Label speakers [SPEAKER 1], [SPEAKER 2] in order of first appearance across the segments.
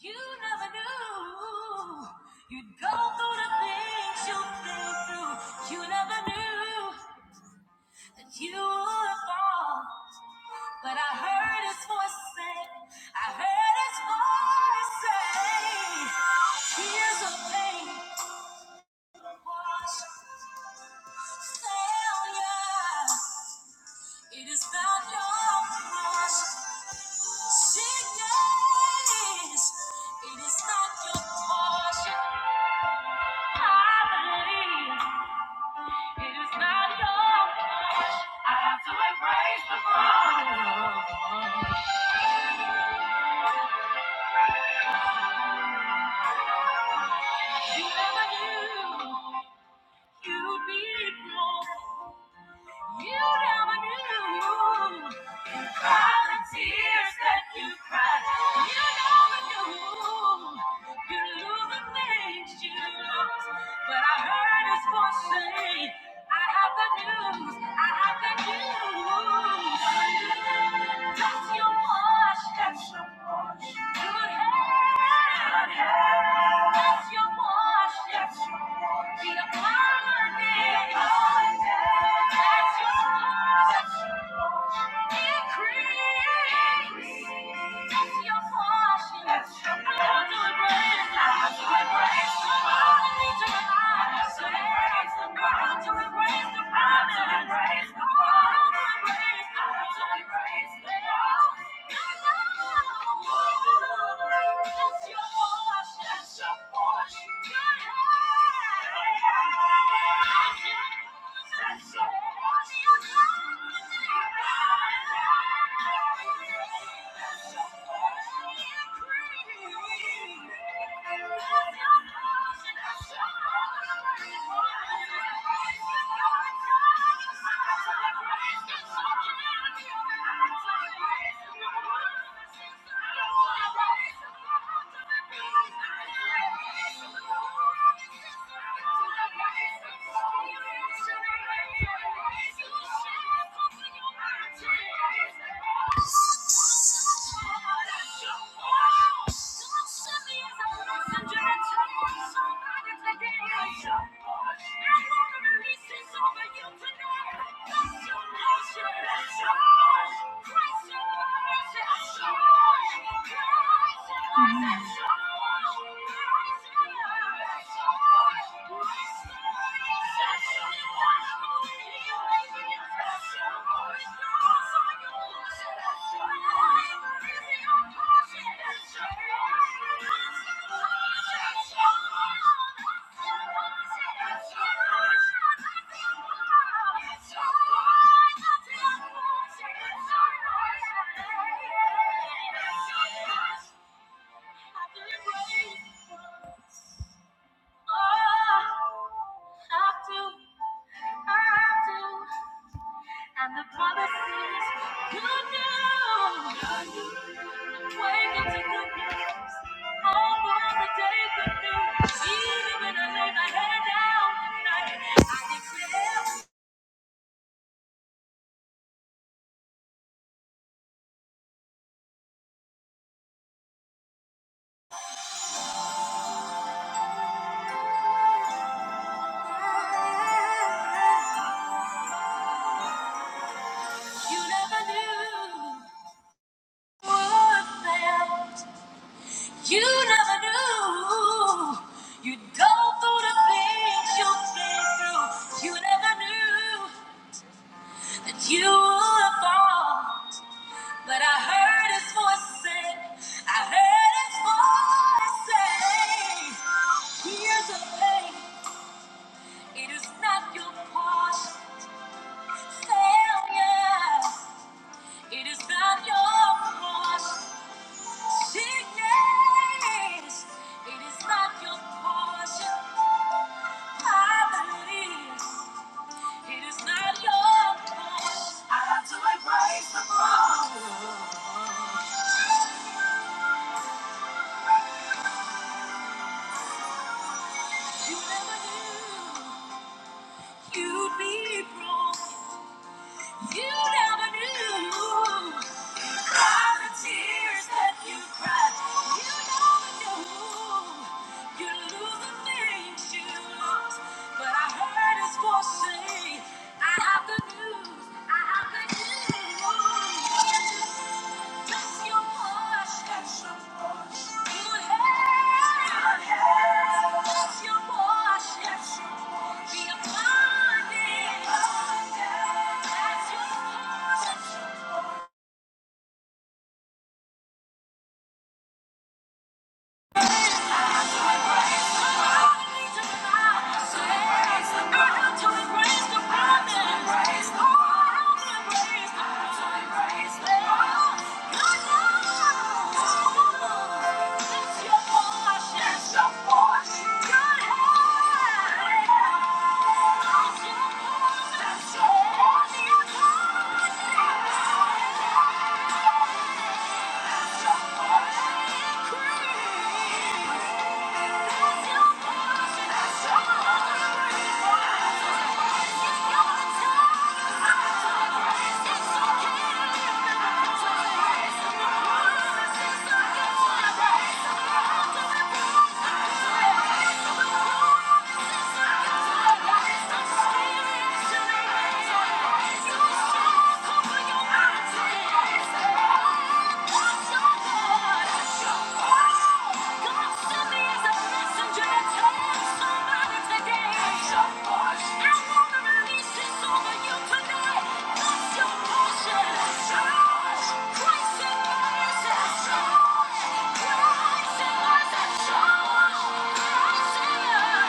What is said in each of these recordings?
[SPEAKER 1] You never knew you'd go through the things you've been through. You never knew that you would fall. But I heard his voice say, I heard his voice say, Tears of pain wash failure. It is not your crush. Sickness, it is not your portion. I believe. It is not your fault. I have to embrace the wrong. You never knew you'd be wrong. You never knew. All the tears that you cried, you know when you lose, you lose the things you lost, But I heard his voice say, I have the news, I have the news. Touch your wash, touch your wash. Good hair, good hair. Touch your wash, touch your wash. Be a pioneer, be a pioneer. Touch your wash, touch your wash. That's your Thank you. I'm not afraid to be lonely anymore. Mm. I After and the promises you do. Wake up to good news. All for the day good news. Even when I lay my head down at night, I declare you never knew what felt. You never knew. You'd go through the things you've been through. You never knew that you would fall. But I heard his voice say, I heard his voice say, Here's the thing, it is not your portion. Failure, it is not your portion. Sickness, it is not your portion. Poverty, it is not your portion. I have to embrace the fall. You never knew you'd be broken. You never knew all the tears that you cried. You never knew you lose the things you lost. But I heard his voice I have the news. I have the news. Bless your heart, be upon it. That's your portion. Yeah. Christ in us and show us. Christ in us.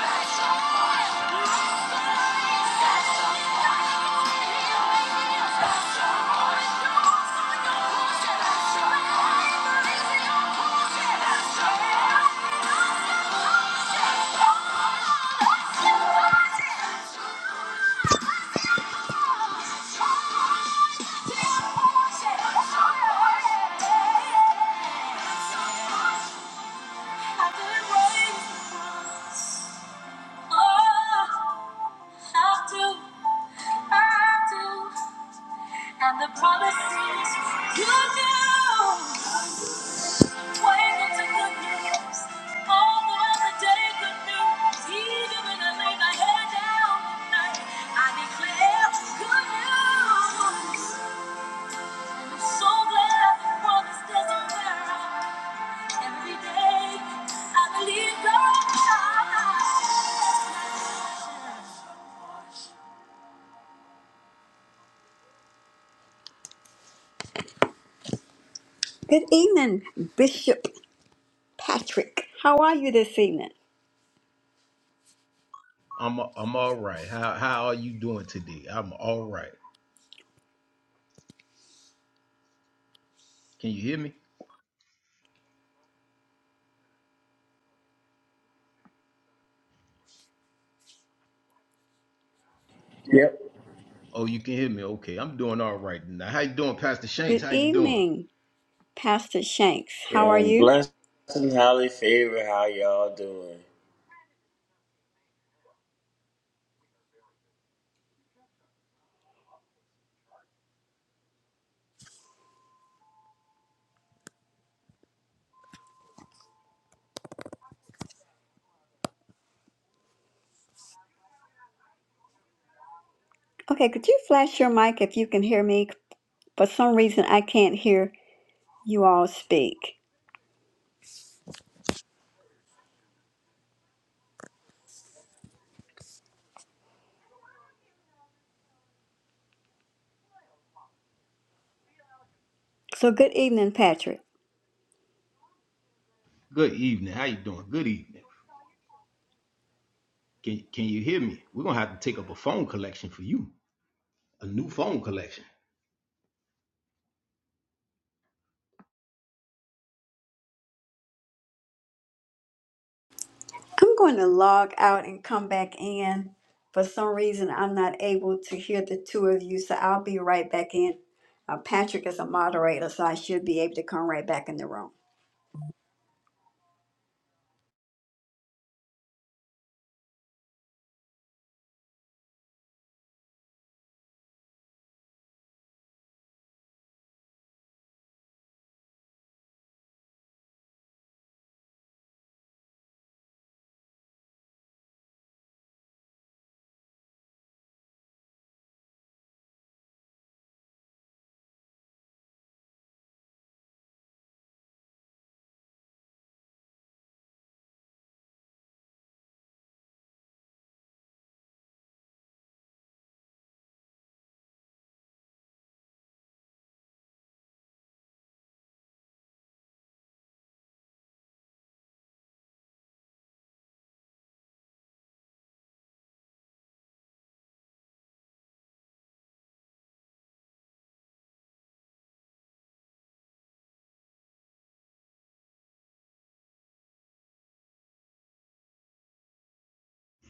[SPEAKER 1] And the promises you do. Waiting to good news. All throughout the day, good news. Even when I lay my head down at night, I declare good news. And I'm so glad the promise doesn't wear out. Good evening, Bishop Patrick. How are you this evening?
[SPEAKER 2] I'm I'm all right. How how are you doing today? I'm all right. Can you hear me? Yep.
[SPEAKER 3] Yep.
[SPEAKER 2] Oh, you can hear me. Okay, I'm doing all right now. How you doing, Pastor Shanks?
[SPEAKER 1] Good
[SPEAKER 2] How you doing?
[SPEAKER 1] evening, Pastor Shanks. How are
[SPEAKER 3] Um,
[SPEAKER 1] you?
[SPEAKER 3] blessed and highly favored. How y'all doing?
[SPEAKER 1] Okay, could you flash your mic if you can hear me? For some reason, I can't hear you all speak. So, good evening, Patrick.
[SPEAKER 2] Good evening. How you doing? Good evening. Can can you hear me? We're gonna have to take up a phone collection for you. A new phone collection.
[SPEAKER 1] I'm going to log out and come back in. For some reason, I'm not able to hear the two of you, so I'll be right back in. Uh, Patrick is a moderator, so I should be able to come right back in the room.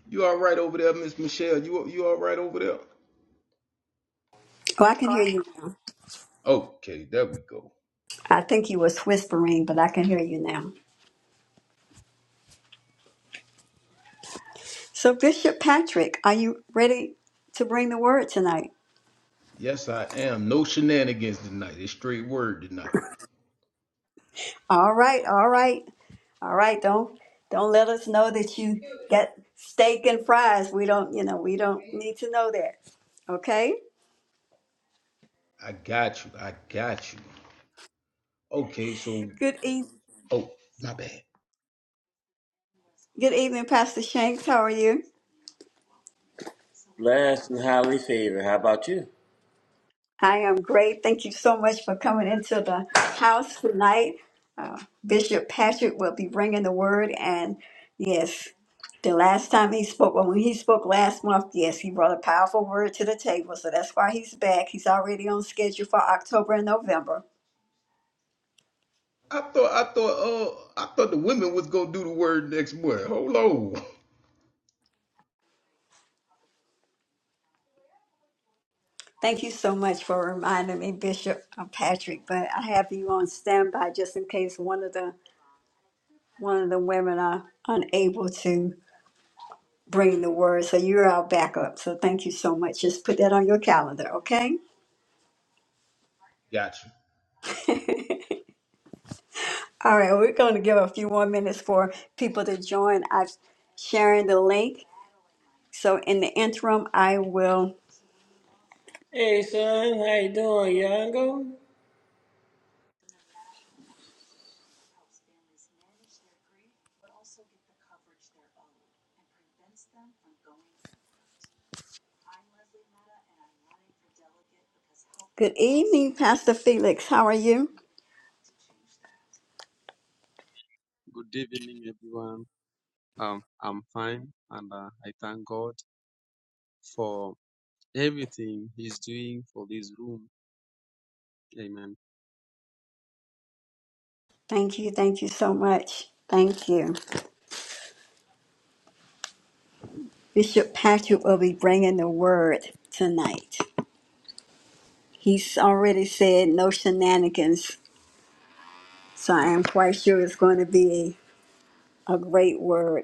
[SPEAKER 2] You all right over there, Miss Michelle? You you all right over there?
[SPEAKER 1] Oh, I can hear you now.
[SPEAKER 2] Okay, there we go.
[SPEAKER 1] I think you was whispering, but I can hear you now. So, Bishop Patrick, are you ready to bring the word tonight?
[SPEAKER 2] Yes, I am. No shenanigans tonight. It's straight word tonight.
[SPEAKER 1] All right, all right, all right. Don't don't let us know that you got steak and fries. We don't, you know, we don't need to know that. Okay.
[SPEAKER 2] I got you. I got you. Okay, so
[SPEAKER 1] Good evening.
[SPEAKER 2] oh my bad.
[SPEAKER 1] Good evening, Pastor Shanks. How are you?
[SPEAKER 3] Blessed and highly favored. How about you?
[SPEAKER 1] I am great. Thank you so much for coming into the house tonight. Uh, Bishop Patrick will be bringing the word, and yes, the last time he spoke, well, when he spoke last month, yes, he brought a powerful word to the table. So that's why he's back. He's already on schedule for October and November.
[SPEAKER 2] I thought I thought uh I thought the women was gonna do the word next morning. Hold on.
[SPEAKER 1] Thank you so much for reminding me, Bishop uh, Patrick. But I have you on standby just in case one of the one of the women are unable to. bringing the word. So you're our backup. So thank you so much. Just put that on your calendar, okay?
[SPEAKER 2] Gotcha.
[SPEAKER 1] All right, we're going to give a few more minutes for people to join. I'm sharing the link. So in the interim, I will.
[SPEAKER 3] Hey, son. How you doing, Yango?
[SPEAKER 1] Good evening, Pastor Felix. How are you?
[SPEAKER 4] Good evening, everyone. Um, I'm fine, and uh, I thank God for everything He's doing for this room. Amen.
[SPEAKER 1] Thank you. Thank you so much. Thank you. Bishop Patrick will be bringing the word tonight. He's already said no shenanigans. So I am quite sure it's going to be a, a great word.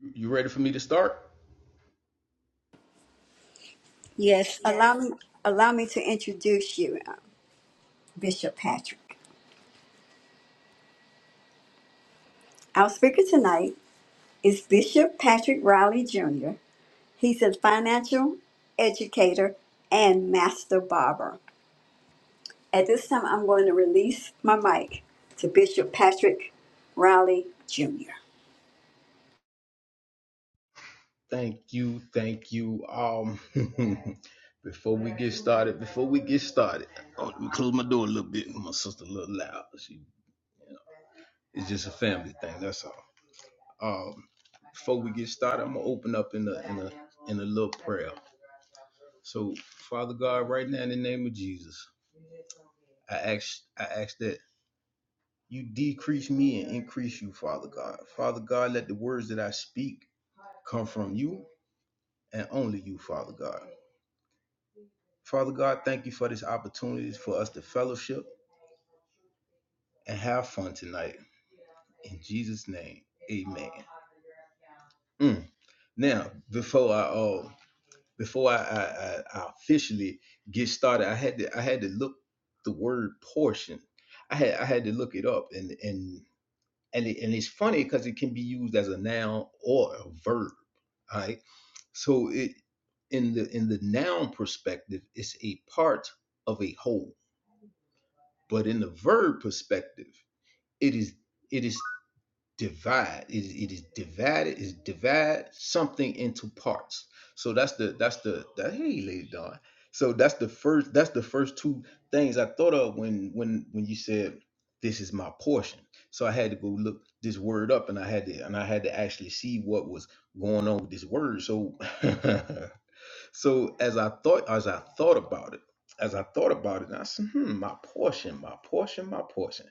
[SPEAKER 2] you. You ready for me to start?
[SPEAKER 1] Yes, allow me allow me to introduce you, uh, Bishop Patrick. Our speaker tonight is Bishop Patrick Riley Jr. He's a financial educator and master barber. At this time, I'm going to release my mic to Bishop Patrick Riley Jr.
[SPEAKER 2] Thank you, thank you. Um before we get started, before we get started, oh, let me close my door a little bit. My sister a little loud. She you know, it's just a family thing, that's all. Um before we get started, I'm gonna open up in a in a in a little prayer. So Father God, right now in the name of Jesus, I ask I ask that You decrease me and increase you, Father God. Father God, let the words that I speak come from you and only you, Father God. Father God, thank you for this opportunity for us to fellowship and have fun tonight. In Jesus' name, amen. Mm. Now, before I uh, before I, I, I officially get started, I had to I had to look the word portion. I had I had to look it up and and and, it, and it's funny because it can be used as a noun or a verb. All Right? So it in the in the noun perspective, it's a part of a whole. But in the verb perspective, it is it is divide. It it is divided. It is divide something into parts. So that's the that's the that hey lady Dawn. So that's the first that's the first two things I thought of when when when you said this is my portion. So I had to go look this word up and I had to and I had to actually see what was going on with this word. So so as I thought, as I thought about it, as I thought about it, and I said, hmm, my portion, my portion, my portion.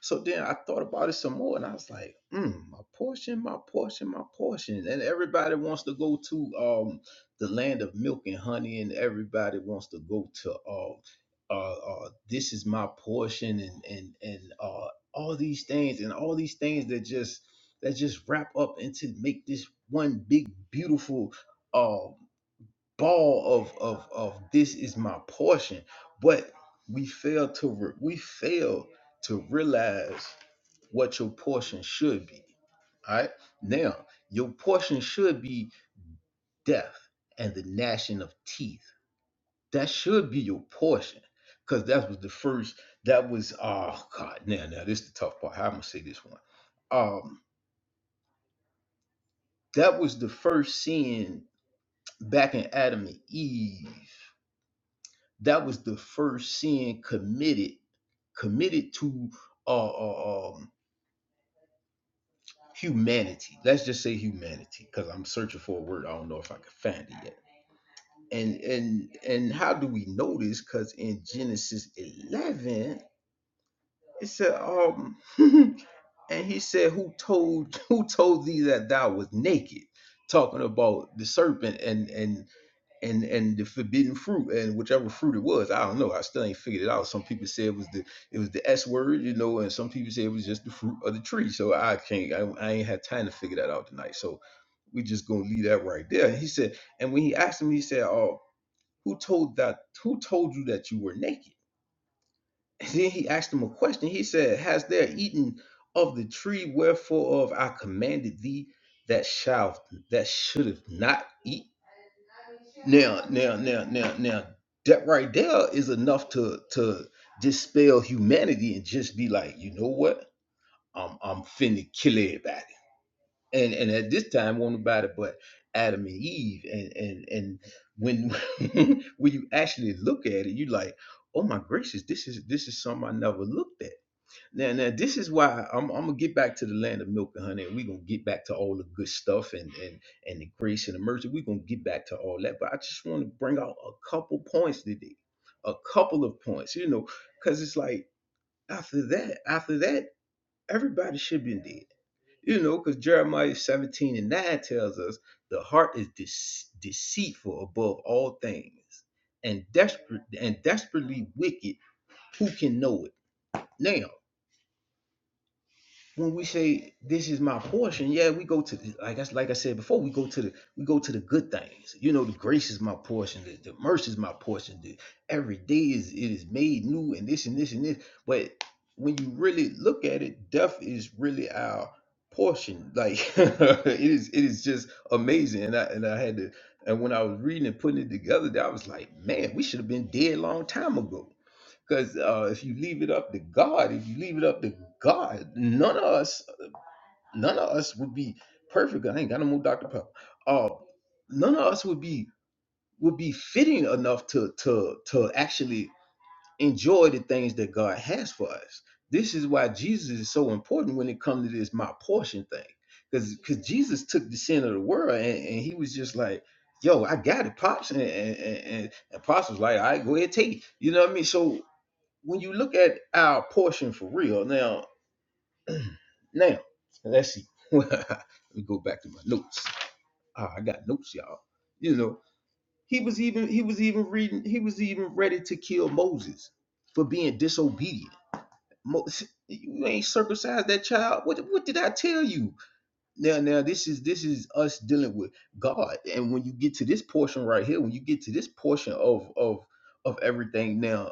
[SPEAKER 2] So then I thought about it some more, and I was like, hmm, my portion, my portion, my portion. And everybody wants to go to um the land of milk and honey, and everybody wants to go to uh, uh, uh this is my portion, and and and uh all these things, and all these things that just that just wrap up into make this one big beautiful. um, ball of of of this is my portion but we fail to re- we fail to realize what your portion should be all right now your portion should be death and the gnashing of teeth that should be your portion because that was the first that was oh god now now this is the tough part how i'm gonna say this one um that was the first sin back in adam and eve that was the first sin committed committed to uh, uh, um, humanity let's just say humanity because i'm searching for a word i don't know if i can find it yet and and and how do we know this because in genesis 11 it said um and he said who told who told thee that thou was naked talking about the serpent and and and and the forbidden fruit and whichever fruit it was i don't know i still ain't figured it out some people say it was the it was the s word you know and some people say it was just the fruit of the tree so i can't i, I ain't had time to figure that out tonight so we just gonna leave that right there and he said and when he asked him he said oh who told that who told you that you were naked and then he asked him a question he said has there eaten of the tree wherefore of i commanded thee that shalt that should have not eat now, now, now, now, now, that right there is enough to to dispel humanity and just be like, you know what? I'm I'm finna kill everybody. And and at this time, won't nobody but Adam and Eve. And and and when when you actually look at it, you like, oh my gracious, this is this is something I never looked at. Now, now this is why I'm, I'm gonna get back to the land of milk and honey, and we're gonna get back to all the good stuff and and and the grace and the mercy. We're gonna get back to all that, but I just want to bring out a couple points today, a couple of points, you know, because it's like after that, after that, everybody should be dead, you know, because Jeremiah 17 and 9 tells us the heart is dece- deceitful above all things and desperate and desperately wicked. Who can know it? Now when we say this is my portion, yeah, we go to the, like I like I said before, we go to the we go to the good things. You know, the grace is my portion, the, the mercy is my portion. The, every day is it is made new, and this and this and this. But when you really look at it, death is really our portion. Like it is, it is just amazing. And I and I had to, and when I was reading and putting it together, I was like, man, we should have been dead a long time ago. Because uh, if you leave it up to God, if you leave it up to God, none of us, none of us would be perfect. I ain't got no more Dr. Pepper. Uh, none of us would be would be fitting enough to to to actually enjoy the things that God has for us. This is why Jesus is so important when it comes to this my portion thing. Because because Jesus took the sin of the world and, and he was just like, yo, I got it, pops, and and, and, and pops was like, all right, go ahead, take it. You know what I mean? So when you look at our portion for real, now, now, let's see. Let me go back to my notes. Ah, I got notes, y'all. You know, he was even he was even reading. He was even ready to kill Moses for being disobedient. Mo- you ain't circumcised that child. What what did I tell you? Now now this is this is us dealing with God. And when you get to this portion right here, when you get to this portion of of of everything now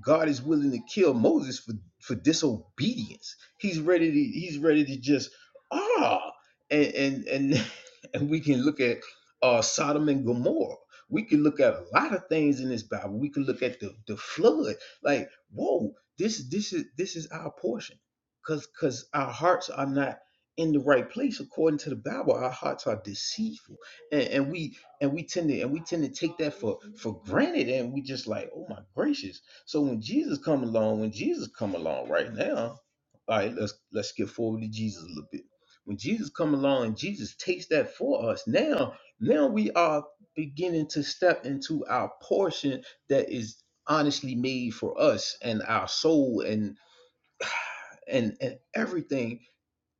[SPEAKER 2] God is willing to kill Moses for, for disobedience. He's ready to he's ready to just ah and and and, and we can look at uh Sodom and Gomorrah. We can look at a lot of things in this Bible. We can look at the, the flood. Like, whoa, this this is this is our portion. Cause cause our hearts are not in the right place according to the Bible. Our hearts are deceitful. And, and we and we tend to and we tend to take that for for granted and we just like, oh my gracious so when Jesus come along, when Jesus come along right now, all right, let's let's skip forward to Jesus a little bit. When Jesus come along and Jesus takes that for us, now now we are beginning to step into our portion that is honestly made for us and our soul and and and everything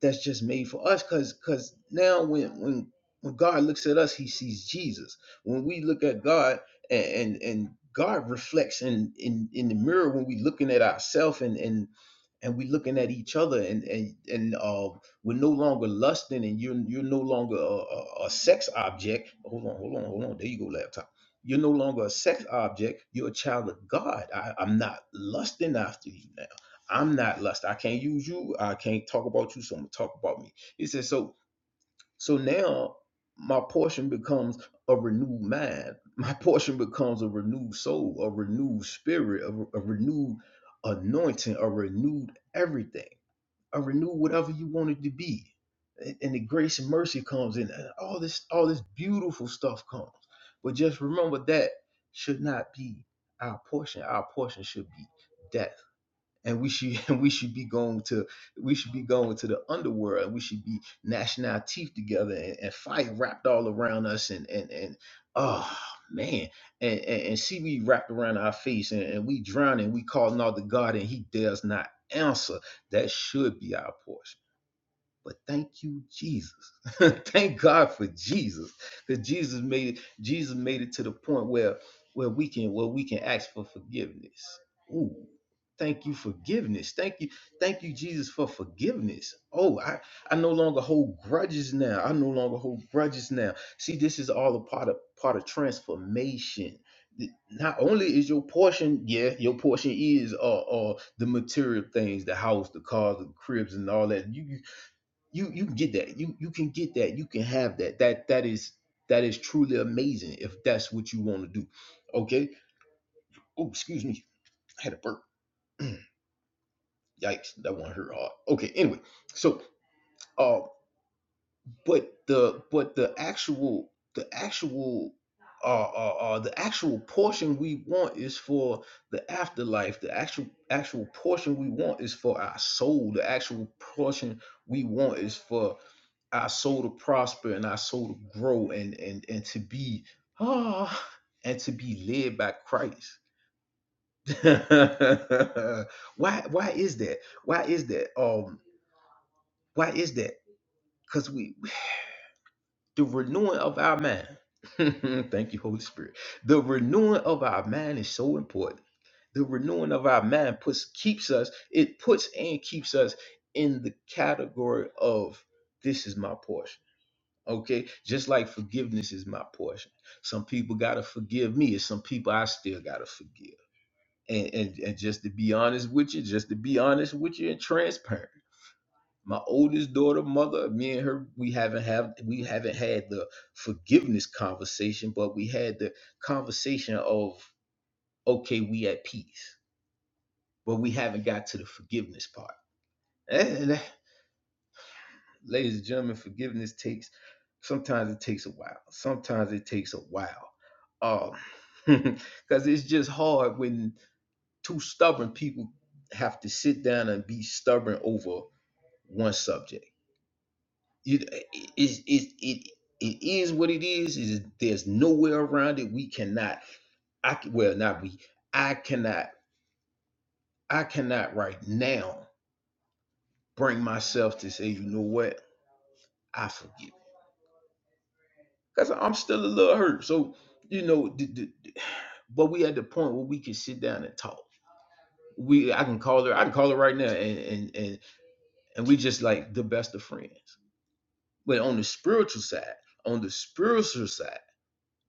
[SPEAKER 2] that's just made for us because because now when when when god looks at us he sees jesus when we look at god and and, and god reflects in, in in the mirror when we looking at ourselves and and and we looking at each other and and and uh we're no longer lusting and you're you're no longer a, a, a sex object hold on hold on hold on there you go laptop you're no longer a sex object you're a child of god I, i'm not lusting after you now I'm not lust. I can't use you. I can't talk about you. So I'm gonna talk about me. He says, so so now my portion becomes a renewed mind. My portion becomes a renewed soul, a renewed spirit, a, a renewed anointing, a renewed everything, a renewed whatever you want it to be. And and the grace and mercy comes in, and all this, all this beautiful stuff comes. But just remember that should not be our portion. Our portion should be that and we should we should be going to we should be going to the underworld we should be gnashing our teeth together and, and fire wrapped all around us and and and oh man and and, and see we wrapped around our face and, and we drowning we calling out to God and he dares not answer that should be our portion but thank you, Jesus. thank God for Jesus, because Jesus made it. Jesus made it to the point where where we can where we can ask for forgiveness. Ooh, thank you forgiveness. Thank you, thank you, Jesus, for forgiveness. Oh, I I no longer hold grudges now. I no longer hold grudges now. See, this is all a part of part of transformation. Th- Not only is your portion, yeah, your portion is uh, uh the material things, the house, the cars, the cribs, and all that. You you you you can get that you you can get that you can have that that that is that is truly amazing if that's what you want to do okay oh excuse me i had a burp yikes that one hurt hard okay anyway so uh but the but the actual the actual uh, uh, uh the actual portion we want is for the afterlife the actual actual portion we want is for our soul the actual portion we want is for our soul to prosper and our soul to grow and and and to be ah and to be led by Christ. why why is that? Why is that? Um why is that? Because we we- the renewing of our mind. Thank you, Holy Spirit. The renewing of our mind is so important. The renewing of our mind puts keeps us, it puts and keeps us in the category of this is my portion Okay. Just like forgiveness is my portion. Some people got to forgive me, and some people I still got to forgive. And, and, and just to be honest with you, just to be honest with you and transparent. My oldest daughter, mother, me and her, we haven't have we haven't had the forgiveness conversation, but we had the conversation of okay, we at peace, but we haven't got to the forgiveness part. And Ladies and gentlemen, forgiveness takes sometimes it takes a while. Sometimes it takes a while. Um because it's just hard when two stubborn people have to sit down and be stubborn over one subject. it it it, it it is what it is. It is there's no way around it. We cannot. I well not we. I cannot. I cannot right now bring myself to say, you know what? I forgive. because I'm still a little hurt. So you know, d- d- but we at the point where we can sit down and talk. We I can call her. I can call her right now, and and and and we just like the best of friends. But on the spiritual side, on the spiritual side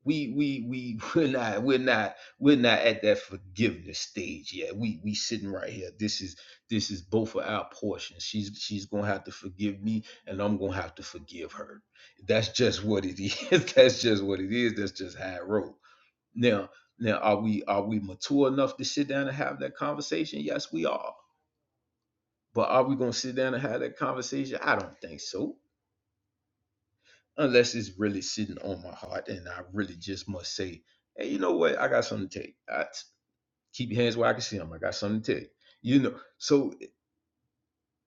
[SPEAKER 2] we we we we're not we're not we're not at that forgiveness stage yet. We we sitting right here. This is this is both of our portions. She's she's gonna have to forgive me, and I'm gonna have to forgive her. That's just what it is. That's just what it is. That's just how it roll. Now now are we are we mature enough to sit down and have that conversation? Yes, we are. But are we gonna sit down and have that conversation? I don't think so unless it's really sitting on my heart and I really just must say, hey, you know what? I got something to tell you. I, keep your hands where I can see them. I got something to tell you. You know, so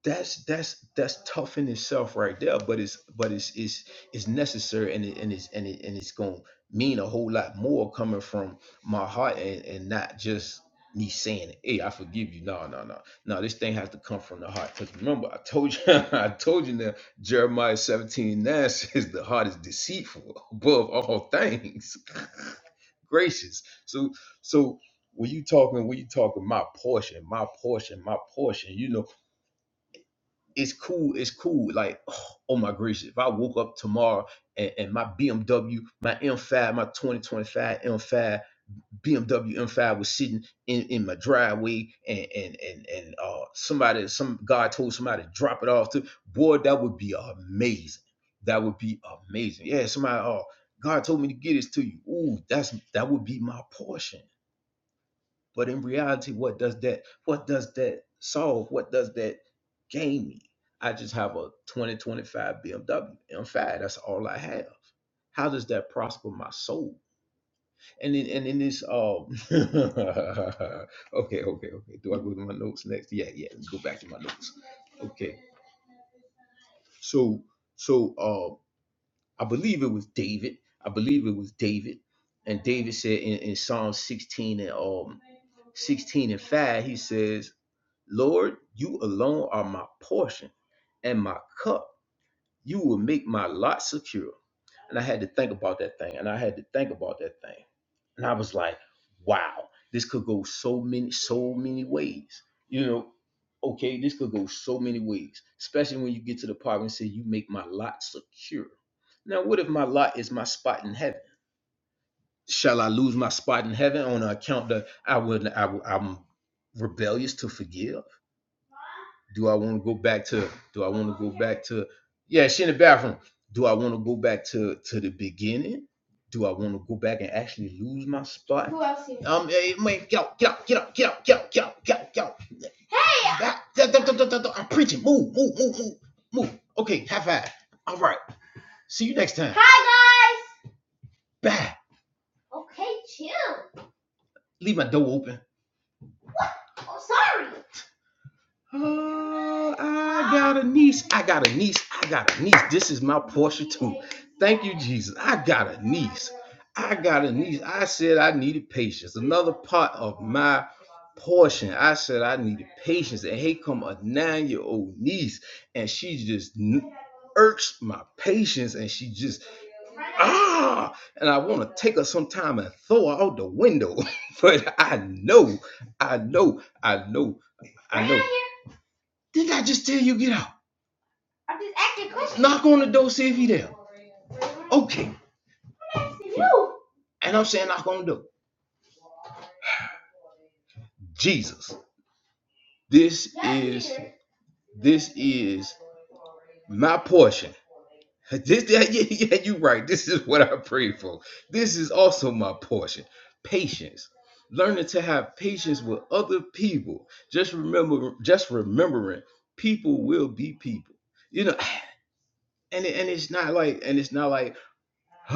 [SPEAKER 2] that's that's that's tough in itself right there but it's but it's it's it's necessary and it, and it's and, it, and it's gonna mean a whole lot more coming from my heart and, and not just me saying hey i forgive you no no no no this thing has to come from the heart because remember i told you i told you that jeremiah 17 9 says the heart is deceitful above all things gracious so so when you talking when you talking my portion my portion my portion you know it's cool, it's cool. Like, oh oh my gracious, if I woke up tomorrow and, and my BMW, my M5, my 2025 M5, BMW M5 was sitting in, in my driveway and and and and uh somebody some God told somebody to drop it off to boy, that would be amazing. That would be amazing. Yeah, somebody oh God told me to get this to you. Ooh, that's that would be my portion but in reality, what does that what does that solve? What does that gain me? I just have a 2025 BMW M5. That's all I have. How does that prosper my soul? And then and in this um okay, okay, okay. Do I go to my notes next? Yeah, yeah, let's go back to my notes. Okay. So so um I believe it was David. I believe it was David. And David said in, in Psalm 16 and um 16 and 5, he says Lord, you alone are my portion and my cup. You will make my lot secure. And I had to think about that thing. And I had to think about that thing. And I was like, wow, this could go so many, so many ways. You know, okay, this could go so many ways, especially when you get to the part and say, you make my lot secure. Now, what if my lot is my spot in heaven? Shall I lose my spot in heaven on account that I would I, I'm rebellious to forgive? Do I want to go back to? Do I want to go back to? Yeah, she in the bathroom. Do I want to go back to to the beginning? Do I want to go back and actually lose my spot? Who else? Here? Um, hey, man, get out, get out, get out, get out, get out, get out, get out, get out. Hey! Ah, I'm preaching. Move, move, move, move, move. Okay, high five. All right. See you next time. Hi guys. Bye. Leave my door open. Oh, I got a niece. I got a niece. I got a niece. This is my portion too. Thank you, Jesus. I got a niece. I got a niece. I said I needed patience. Another part of my portion. I said I needed patience. And here come a nine-year-old niece. And she just n- irks my patience. And she just ah. And I want to take her sometime and throw her out the window. but I know, I know, I know, I know. Didn't I just tell you get out? Knock on the door, see if he there. Okay. And I'm saying knock on the door. Jesus. This is this is my portion. This that yeah, yeah, you are right. This is what I pray for. This is also my portion. Patience. Learning to have patience with other people. Just remember just remembering people will be people. You know, and and it's not like and it's not like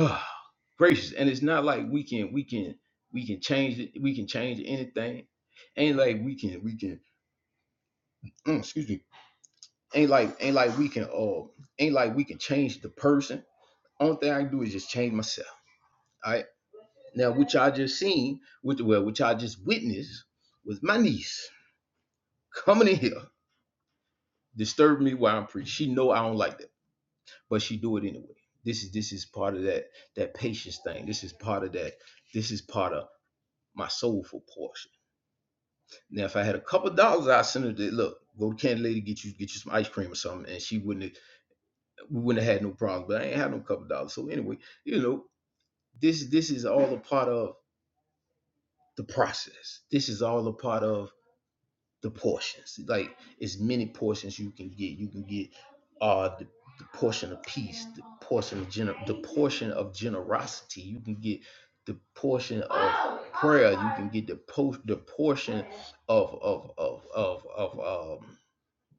[SPEAKER 2] gracious and it's not like we can we can we can change it we can change anything ain't like we can we can mm, excuse me ain't like ain't like we can uh ain't like we can change the person only thing i can do is just change myself all right now what y'all just seen which well which I just witnessed was my niece coming in here disturbing me while i'm preaching she know i don't like that but she do it anyway this is this is part of that that patience thing this is part of that this is part of my soulful portion Now, if I had a couple dollars, I'd send her to look, go to Candy Lady, get you get you some ice cream or something, and she wouldn't have, we wouldn't have had no problem. But I ain't had no couple dollars. So anyway, you know, this this is all a part of the process. This is all a part of the portions. Like as many portions you can get. You can get uh the, the portion of peace, the portion of gener- the portion of generosity. You can get the portion of prayer. You can get the post the portion of of of of of um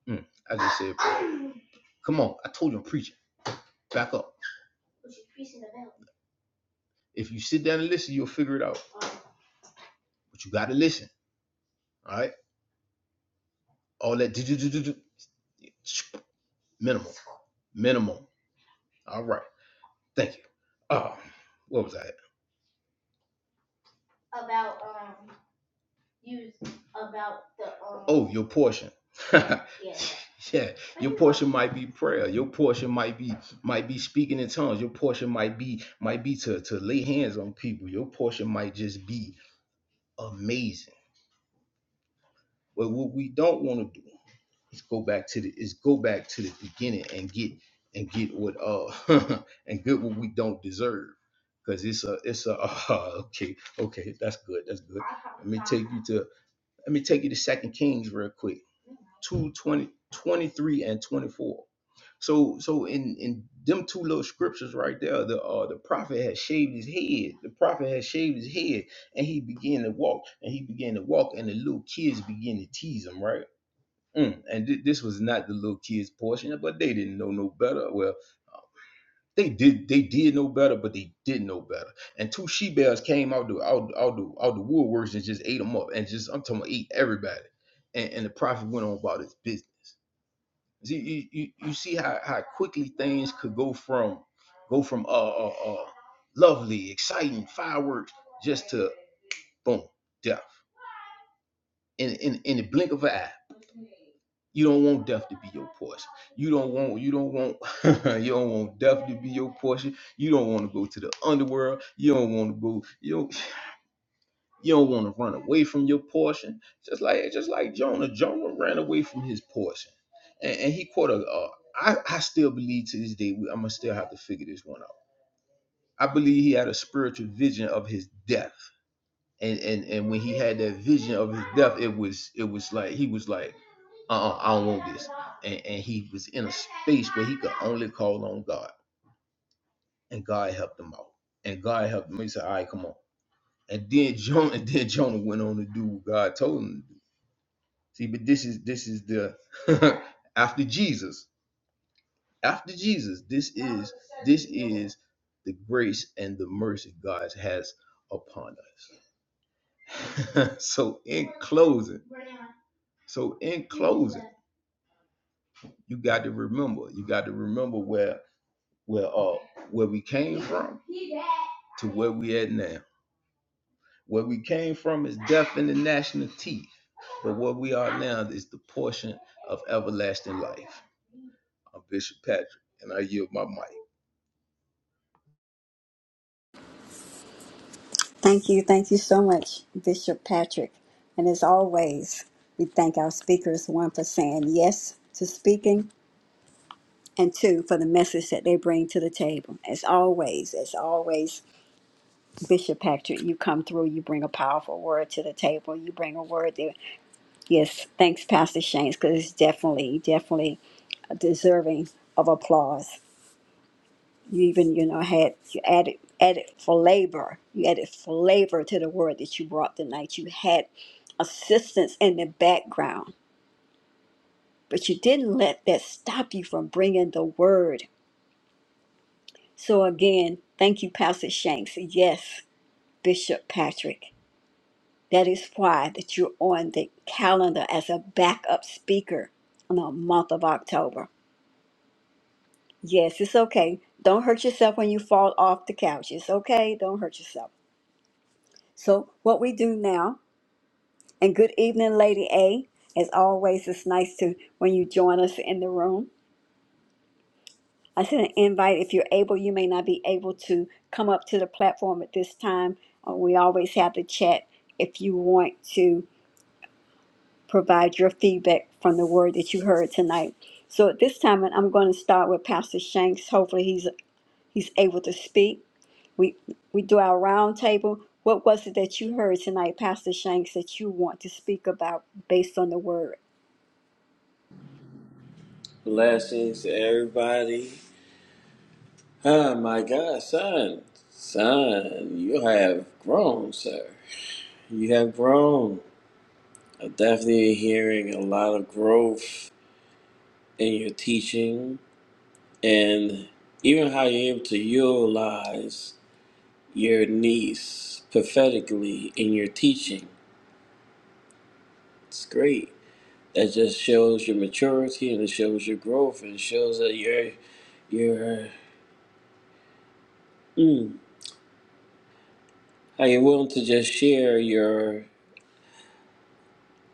[SPEAKER 2] Mm. I just said, come on. I told you I'm preaching. Back up. If you sit down and listen, you'll figure it out. But you got to listen. All right. All that do, do, do, do, do. Minimum. Minimum. All right. Thank you. Oh, what was that? About the um. Oh, your portion. yeah. Yeah. Your portion might be prayer. Your portion might be might be speaking in tongues. Your portion might be might be to, to lay hands on people. Your portion might just be amazing. But what we don't want to do is go back to the is go back to the beginning and get and get what uh and get what we don't deserve because it's a it's a uh, okay okay that's good that's good let me take you to let me take you to second kings real quick 2 20 23 and 24 so so in in them two little scriptures right there the uh the prophet had shaved his head the prophet had shaved his head and he began to walk and he began to walk and the little kids began to tease him right Mm. And thi- this was not the little kids portion, but they didn't know no better. Well, they did. They did know better, but they didn't know better. And two she bears came out the out, out the out the woodworks and just ate them up. And just I'm talking about ate everybody. And, and the prophet went on about his business. See, you, you, you see how, how quickly things could go from go from uh, uh uh lovely, exciting fireworks just to boom death in in in the blink of an eye. You don't want death to be your portion. You don't want you don't want you don't want death to be your portion. You don't want to go to the underworld. You don't want to go you don't you don't want to run away from your portion. Just like just like Jonah, Jonah ran away from his portion, and, and he caught a. Uh, I I still believe to this day I'm gonna still have to figure this one out. I believe he had a spiritual vision of his death and and and when he had that vision of his death, it was it was like he was like, uh, uh I don't want this, and and he was in a space where he could only call on God, and God helped him out, and God helped him. He said, all right, come on, and then Jonah, and then Jonah went on to do what God told him to do. See, but this is this is the after Jesus, after Jesus, this is this is the grace and the mercy God has upon us. so in closing. So in closing, you got to remember, you got to remember where where uh where we came from to where we at now. Where we came from is death in the national teeth, but where we are now is the portion of everlasting life. I'm Bishop Patrick, and I yield my mic.
[SPEAKER 1] Thank you, thank you so much, Bishop Patrick. And as always, we thank our speakers one for saying yes to speaking and two, for the message that they bring to the table. As always, as always, Bishop Patrick, you come through, you bring a powerful word to the table, you bring a word there. Yes, thanks, Pastor Shanks, because it's definitely, definitely deserving of applause. You even, you know, had you added added flavor. You added flavor to the word that you brought tonight. You had assistance in the background, but you didn't let that stop you from bringing the word. So again, thank you, Pastor Shanks. Yes, Bishop Patrick. That is why that you're on the calendar as a backup speaker in the month of October. Yes, it's okay. Don't hurt yourself when you fall off the couch. It's okay. Don't hurt yourself. So what we do now, and good evening, Lady A. As always, it's nice to when you join us in the room. I sent an invite. If you're able, you may not be able to come up to the platform at this time. Uh, we always have the chat if you want to provide your feedback from the word that you heard tonight. So at this time, and I'm going to start with Pastor Shanks. Hopefully, he's he's able to speak. We we do our round table. What was it that you heard tonight, Pastor Shanks, that you want to speak about based on the word?
[SPEAKER 3] Blessings to everybody. Oh, my God, son. Son, you have grown, sir. You have grown. I'm definitely hearing a lot of growth in your teaching and even how you're able to utilize your niece prophetically in your teaching It's great. That just shows your maturity and it shows your growth and it shows that you're you're mm, how you're willing to just share your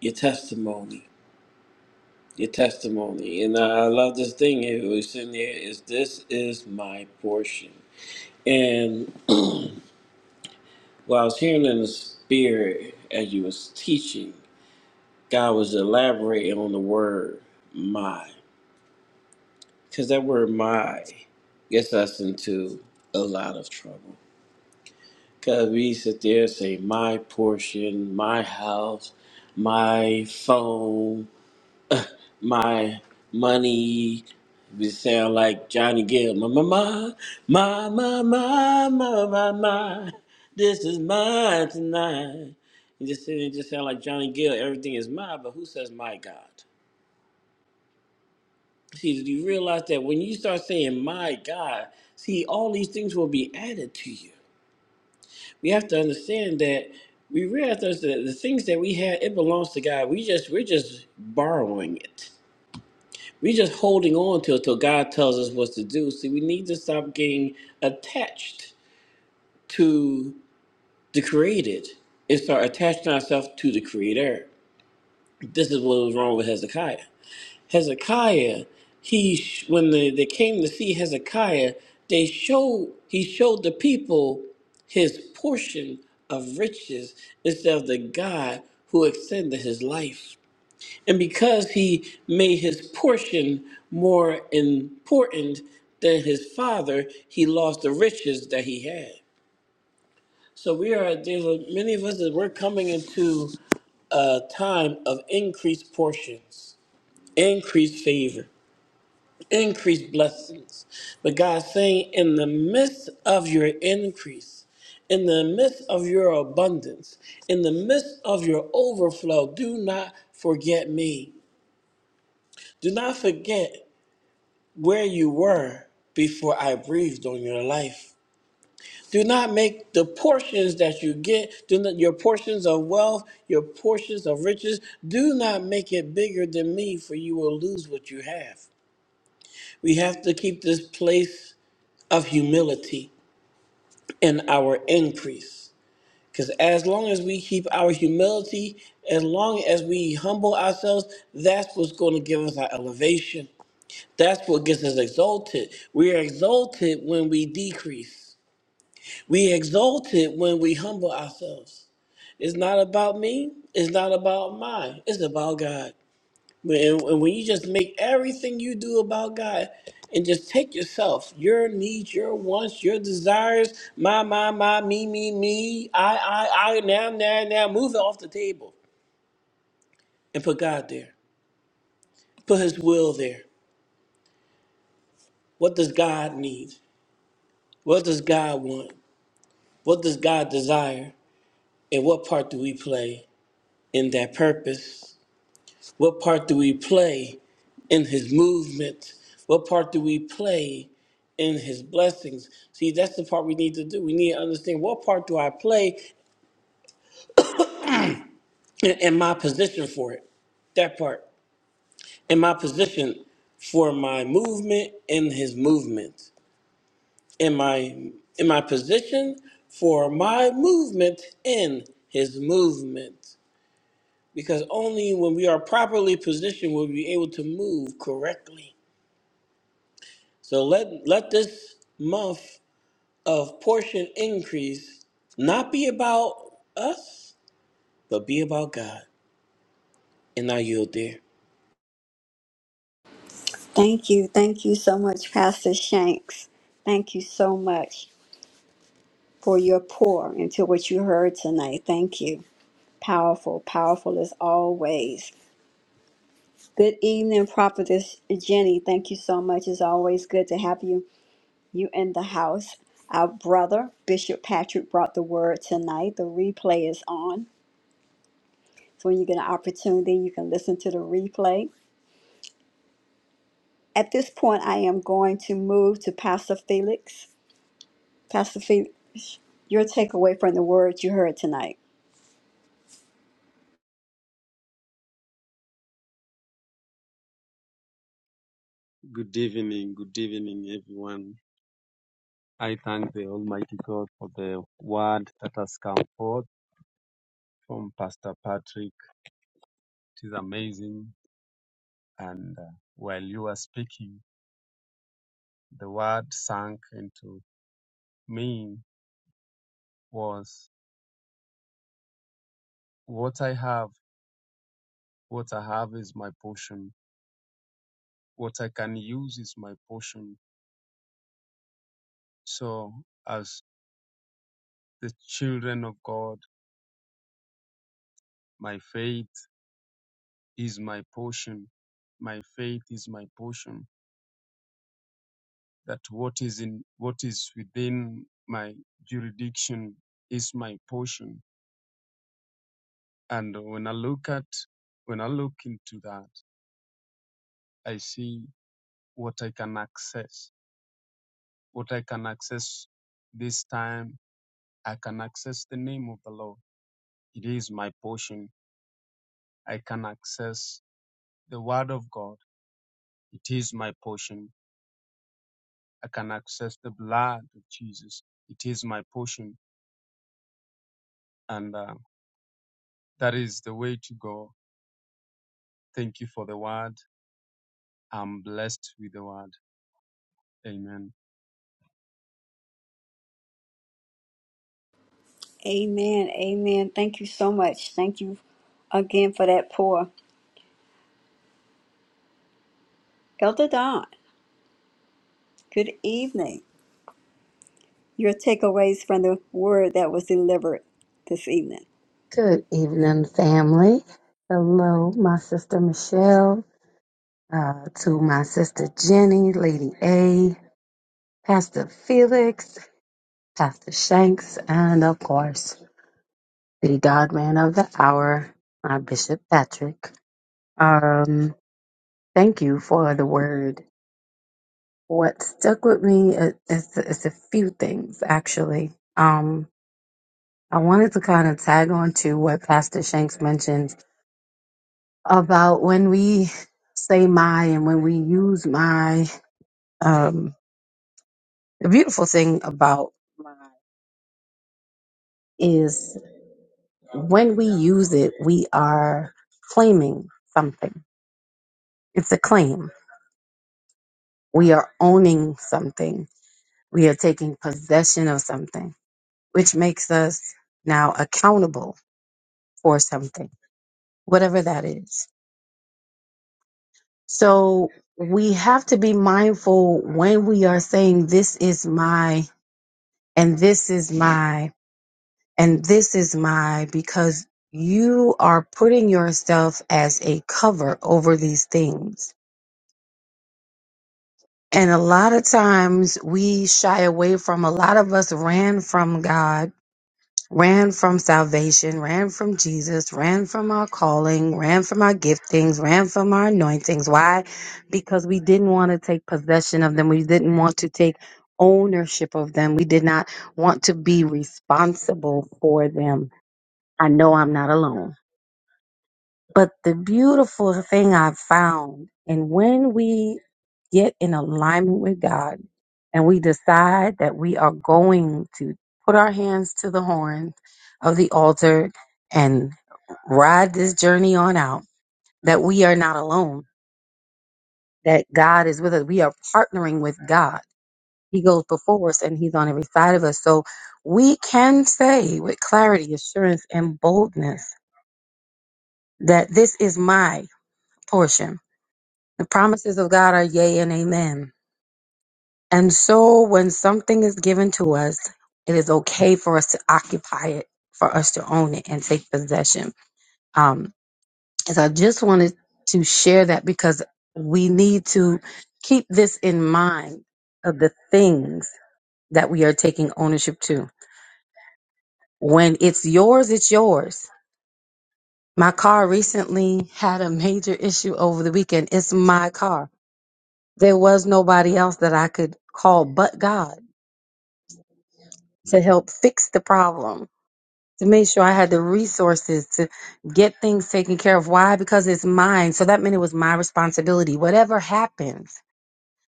[SPEAKER 3] your testimony. Your testimony. And I I love this thing it was in there is this is my portion. And while I was hearing in the spirit as you was teaching, God was elaborating on the word my. Because that word my gets us into a lot of trouble. Because we sit there and say, my portion, my house, my phone, my money. We sound like Johnny Gill. My, my, my, my, my, my, my, my, my. This is mine tonight. You just sit there and just sound like Johnny Gill. Everything is mine, but who says my God? See, do you realize that when you start saying my God, see, all these things will be added to you. we have to understand that we realize that the things that we have it belongs to god we just we're just borrowing it we're just holding on to it till god tells us what to do see we need to stop getting attached to the created and start attaching ourselves to the creator this is what was wrong with hezekiah Hezekiah, he sh- when the, they came to see Hezekiah, they showed he showed the people his portion of riches instead of the God who extended his life. And because he made his portion more important than his father, he lost the riches that he had. So we are there's a, many of us that we're coming into a time of increased portions, increased favor increased blessings. But God's saying, in the midst of your increase, in the midst of your abundance, in the midst of your overflow, do not forget me. Do not forget where you were before I breathed on your life. Do not make the portions that you get, do not, your portions of wealth, your portions of riches, do not make it bigger than me, for you will lose what you have. We have to keep this place of humility in our increase. Because as long as we keep our humility, as long as we humble ourselves, that's what's going to give us our elevation. That's what gets us exalted. We are exalted when we decrease. We exalted when we humble ourselves. It's not about me. It's not about mine. It's about God. And, and when you just make everything you do about God and just take yourself, your needs, your wants, your desires, my, my, my, me, me, me, I, I, I, now, now, now, move it off the table and put God there. Put His will there. What does God need? What does God want? What does God desire? And what part do we play in that purpose What part do we play in his movement? What part do we play in his blessings? See, that's the part we need to do. We need to understand what part do I play in and my position for it. That part. in my position for my movement in his movement. In my in my position for my movement in his movement. Because only when we are properly positioned will we be able to move correctly. So let let this month of portion increase not be about us, but be about God. And I yield there.
[SPEAKER 1] Thank you. Thank you so much, Pastor Shanks. Thank you so much. for your pour into what you heard tonight. Thank you. Powerful, powerful as always. Good evening, Prophetess Jenny. Thank you so much. It's always good to have you you in the house. Our brother, Bishop Patrick, brought the word tonight. The replay is on. So when you get an opportunity, you can listen to the replay. At this point, I am going to move to Pastor Felix. Pastor Felix, your takeaway from the word you heard tonight.
[SPEAKER 4] Good evening, good evening, everyone. I thank the Almighty God for the word that has come forth from Pastor Patrick. It is amazing, and uh, while you were speaking, the word sank into me was what I have. What I have is my portion. What I can use is my portion So, as the children of God, my faith is my portion. My faith is my portion. That what is in what is within my jurisdiction is my portion. And when I look at when I look into that, I see what I can access. What I can access this time, I can access the name of the Lord. It is my portion. I can access the word of God. It is my portion I can access the blood of Jesus. It is my portion, and uh, that is the way to go. Thank you for the word. I'm blessed with the word. Amen.
[SPEAKER 1] Amen. Amen. Thank you so much. Thank you again for that pour. Elder Don, good evening. Your takeaways from the word that was delivered this evening.
[SPEAKER 5] Good evening, family. Hello, my sister Michelle, uh, to my sister Jenny, Lady A, Pastor Felix, Pastor Shanks, and of course, the God man of the hour, my Bishop Patrick. Um, thank you for the word. What stuck with me is, is, is a few things, actually. Um, I wanted to kind of tag on to what Pastor Shanks mentioned about when we say my and when we use my. Um, the beautiful thing about my is when we use it, we are claiming something. It's a claim. We are owning something. We are taking possession of something, which makes us now accountable for something, whatever that is. So we have to be mindful when we are saying, This is my, and this is my. And this is my because you are putting yourself as a cover over these things. And a lot of times we shy away from, a lot of us ran from God, ran from salvation, ran from Jesus, ran from our calling, ran from our giftings, ran from our anointings. Why? Because we didn't want to take possession of them. We didn't want to take ownership of them. We did not want to be responsible for them. I know I'm not alone. But the beautiful thing I found, and when we get in alignment with God and we decide that we are going to put our hands to the horn of the altar and ride this journey on out, that we are not alone, that God is with us. We are partnering with God. He goes before us and He's on every side of us. So we can say with clarity, assurance, and boldness that this is my portion The promises of God are yea and amen. And so when something is given to us, it is okay for us to occupy it, for us to own it and take possession. Um, and so I just wanted to share that because we need to keep this in mind of the things that we are taking ownership to. When it's yours, it's yours. My car recently had a major issue over the weekend. It's my car. There was nobody else that I could call but God to help fix the problem, to make sure I had the resources to get things taken care of. Why? Because it's mine. So that meant it was my responsibility, whatever happens.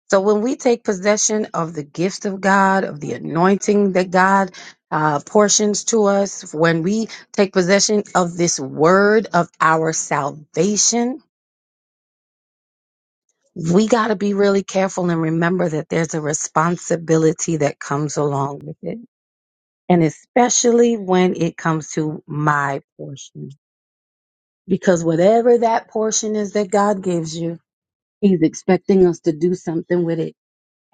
[SPEAKER 5] So when we take possession of the gift of God, of the anointing that God uh, portions to us, when we take possession of this word of our salvation, we got to be really careful and remember that there's a responsibility that comes along with it and especially when it comes to my portion. Because whatever that portion is that God gives you, He's expecting us to do something with it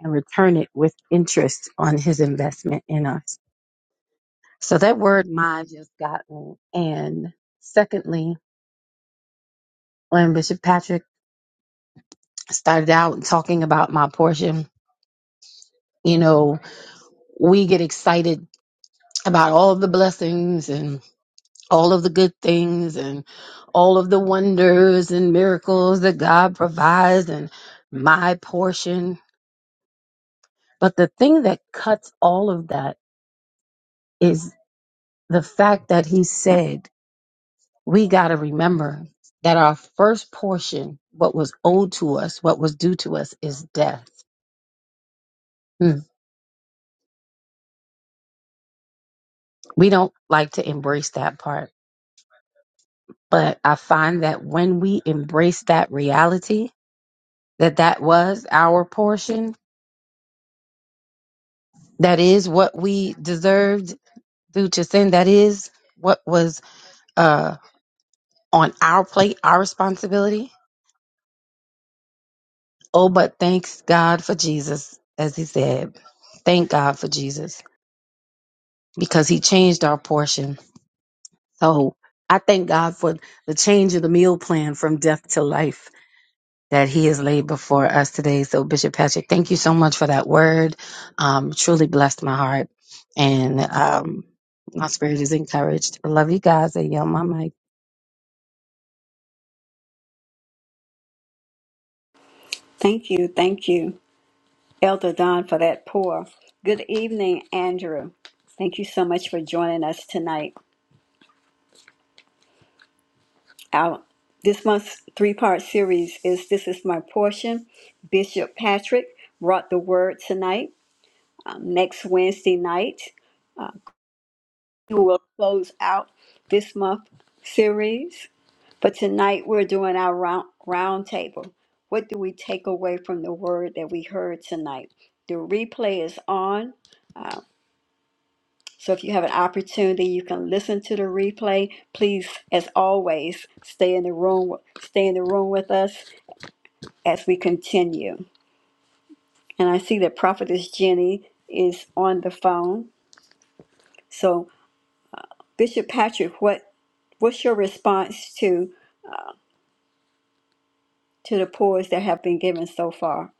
[SPEAKER 5] and return it with interest on His investment in us. So that word my just got me. And secondly, when Bishop Patrick started out talking about my portion, you know, we get excited about all the blessings all of the good things and all of the wonders and miracles that God provides and my portion. But the thing that cuts all of that is the fact that he said, we got to remember that our first portion, what was owed to us, what was due to us, is death. Hmm. We don't like to embrace that part. But I find that when we embrace that reality, that that was our portion, that is what we deserved due to sin. That is what was uh, on our plate, our responsibility. Oh, but thanks God for Jesus, as he said. Thank God for Jesus because he changed our portion. So I thank God for the change of the meal plan from death to life that he has laid before us today. So, Bishop Patrick, thank you so much for that word. Um, truly blessed my heart. And um, my spirit is encouraged. I love you guys. I yell my mic.
[SPEAKER 1] Thank you. Thank you, Elder Don, for that pour. Good evening, Andrew. Thank you so much for joining us tonight. Our this month's three-part series is "This Is My Portion." Bishop Patrick brought the word tonight. Um, next Wednesday night. Uh, We will close out this month series. But tonight we're doing our round, round table. What do we take away from the word that we heard tonight? The replay is on. So if you have an opportunity, you can listen to the replay. Please, as always, stay in the room stay in the room with us as we continue. And I see that Prophetess Jenny is on the phone. So Bishop Patrick, what what's your response to to the pours that have been given so far.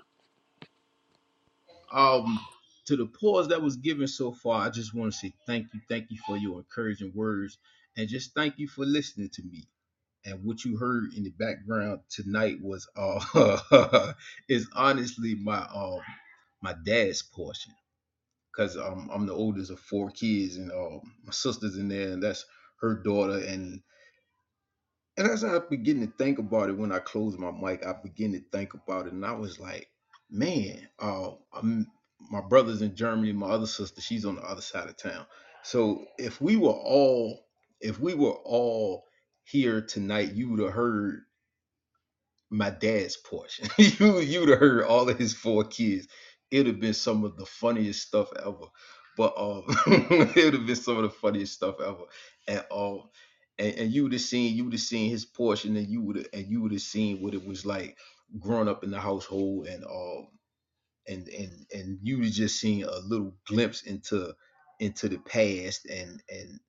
[SPEAKER 2] Um, to the pause that was given so far, I just want to say thank you, thank you for your encouraging words, and just thank you for listening to me. and what you heard in the background tonight was uh is honestly my um my dad's portion because um, I'm the oldest of four kids and uh, my sister's in there and that's her daughter and and as I begin to think about it when I close my mic I begin to think about it and I was like man uh I'm, my brother's in Germany my other sister she's on the other side of town so if we were all if we were all here tonight you would have heard my dad's portion. you you'd have heard all of his four kids. It'd have been some of the funniest stuff ever. But um, it'd have been some of the funniest stuff ever. And um, and, and you would have seen you would have seen his portion, and you would and you would have seen what it was like growing up in the household, and um, and and and you would have just seen a little glimpse into into the past, and and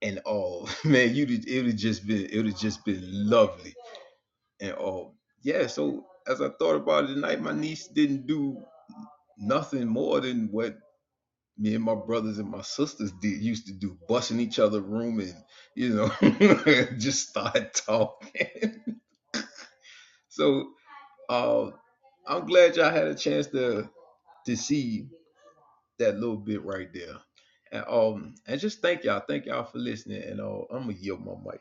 [SPEAKER 2] and all man, you would it would have just been it would have just been lovely and um, yeah, so as I thought about it tonight, my niece didn't do nothing more than what me and my brothers and my sisters did used to do, busting each other room and you know, just start talking. So uh, I'm glad y'all had a chance to to see that little bit right there. And um and just thank y'all. Thank y'all for listening. And uh, I'm gonna yield my mic.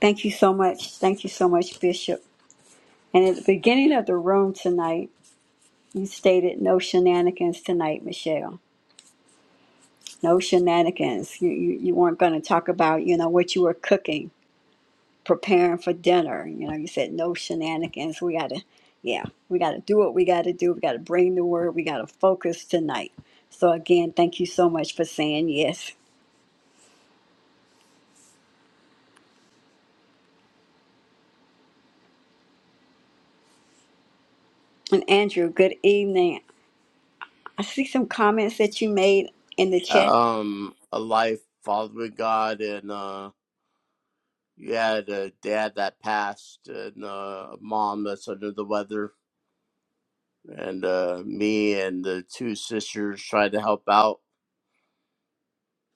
[SPEAKER 1] Thank you so much. Thank you so much, Bishop. And at the beginning of the room tonight, you stated no shenanigans tonight, Michelle. No shenanigans. You you, you weren't going to talk about you know what you were cooking, preparing for dinner. You know, you said no shenanigans. We got to, yeah, we got to do what we got to do. We got to bring the word. We got to focus tonight. So again, thank you so much for saying yes. And Andrew, good evening. I see some comments that you made in the chat.
[SPEAKER 6] um a life following God and uh you had a dad that passed and uh, a mom that's under the weather and uh me and the two sisters tried to help out.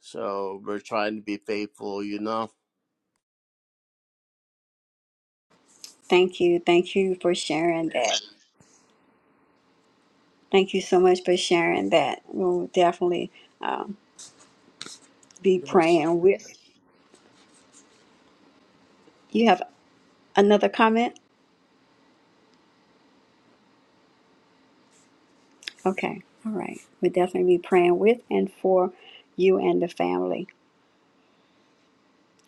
[SPEAKER 6] So we're trying to be faithful, you know.
[SPEAKER 1] Thank you. Thank you for sharing that. Thank you so much for sharing that. We'll definitely um, be
[SPEAKER 6] Yes.
[SPEAKER 1] praying with. You have another comment? Okay. All right. We'll definitely be praying with and for you and the family.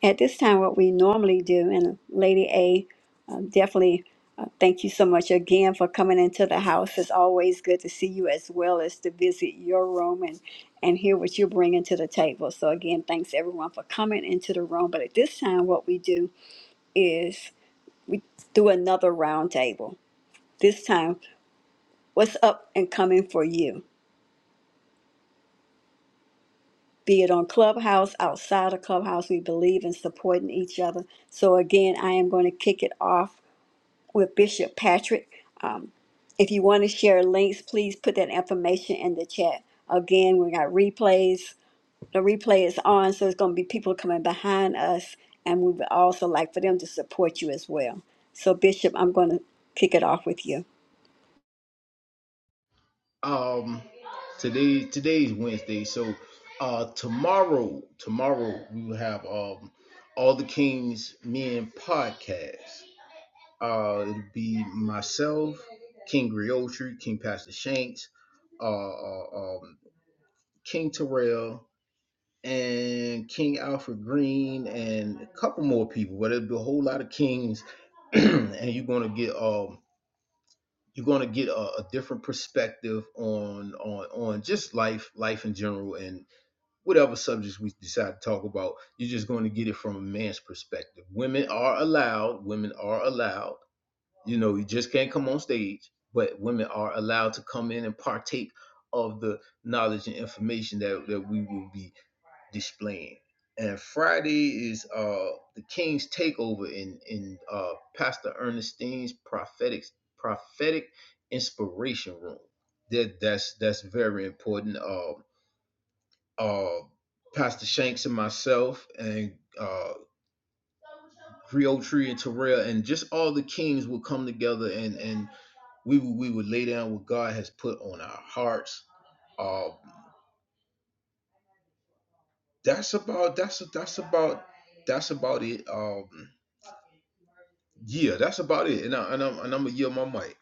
[SPEAKER 1] At this time, what we normally do, and Lady A, uh, definitely uh, thank you so much again for coming into the house. It's always good to see you as well as to visit your room and, and hear what you're bringing to the table. So, again, thanks everyone for coming into the room. But at this time, what we do is do another roundtable. This time, what's up and coming for you? Be it on Clubhouse, outside of Clubhouse, we believe in supporting each other. So, again, I am going to kick it off with Bishop Patrick. Um, if you want to share links, please put that information in the chat. Again, we got replays. The replay is on, so it's going to be people coming behind us, and we would also like for them to support you as well. So, Bishop, I'm going to kick it off with you.
[SPEAKER 2] um today today is Wednesday, so uh tomorrow tomorrow we will have um all the Kings Men podcast. Uh it'll be myself, King Griotri, King Pastor Shanks, uh, uh um King Terrell and King Alfred Green and a couple more people, but it'll be a whole lot of Kings and you're gonna get um you're going to get a, a different perspective on on on just life life in general and whatever subjects we decide to talk about you're just going to get it from a man's perspective women are allowed women are allowed you know you just can't come on stage but women are allowed to come in and partake of the knowledge and information that, that we will be displaying. And Friday is uh the King's takeover in in uh Pastor Ernestine's prophetic prophetic inspiration room. That that's that's very important. Uh, uh Pastor Shanks and myself and uh Creole Tree and Terrell and just all the kings will come together and and we would we would lay down what God has put on our hearts. Uh, that's about that's that's about that's about it. Um Yeah, that's about it. And, I, and I'm and I'm gonna yield my mic.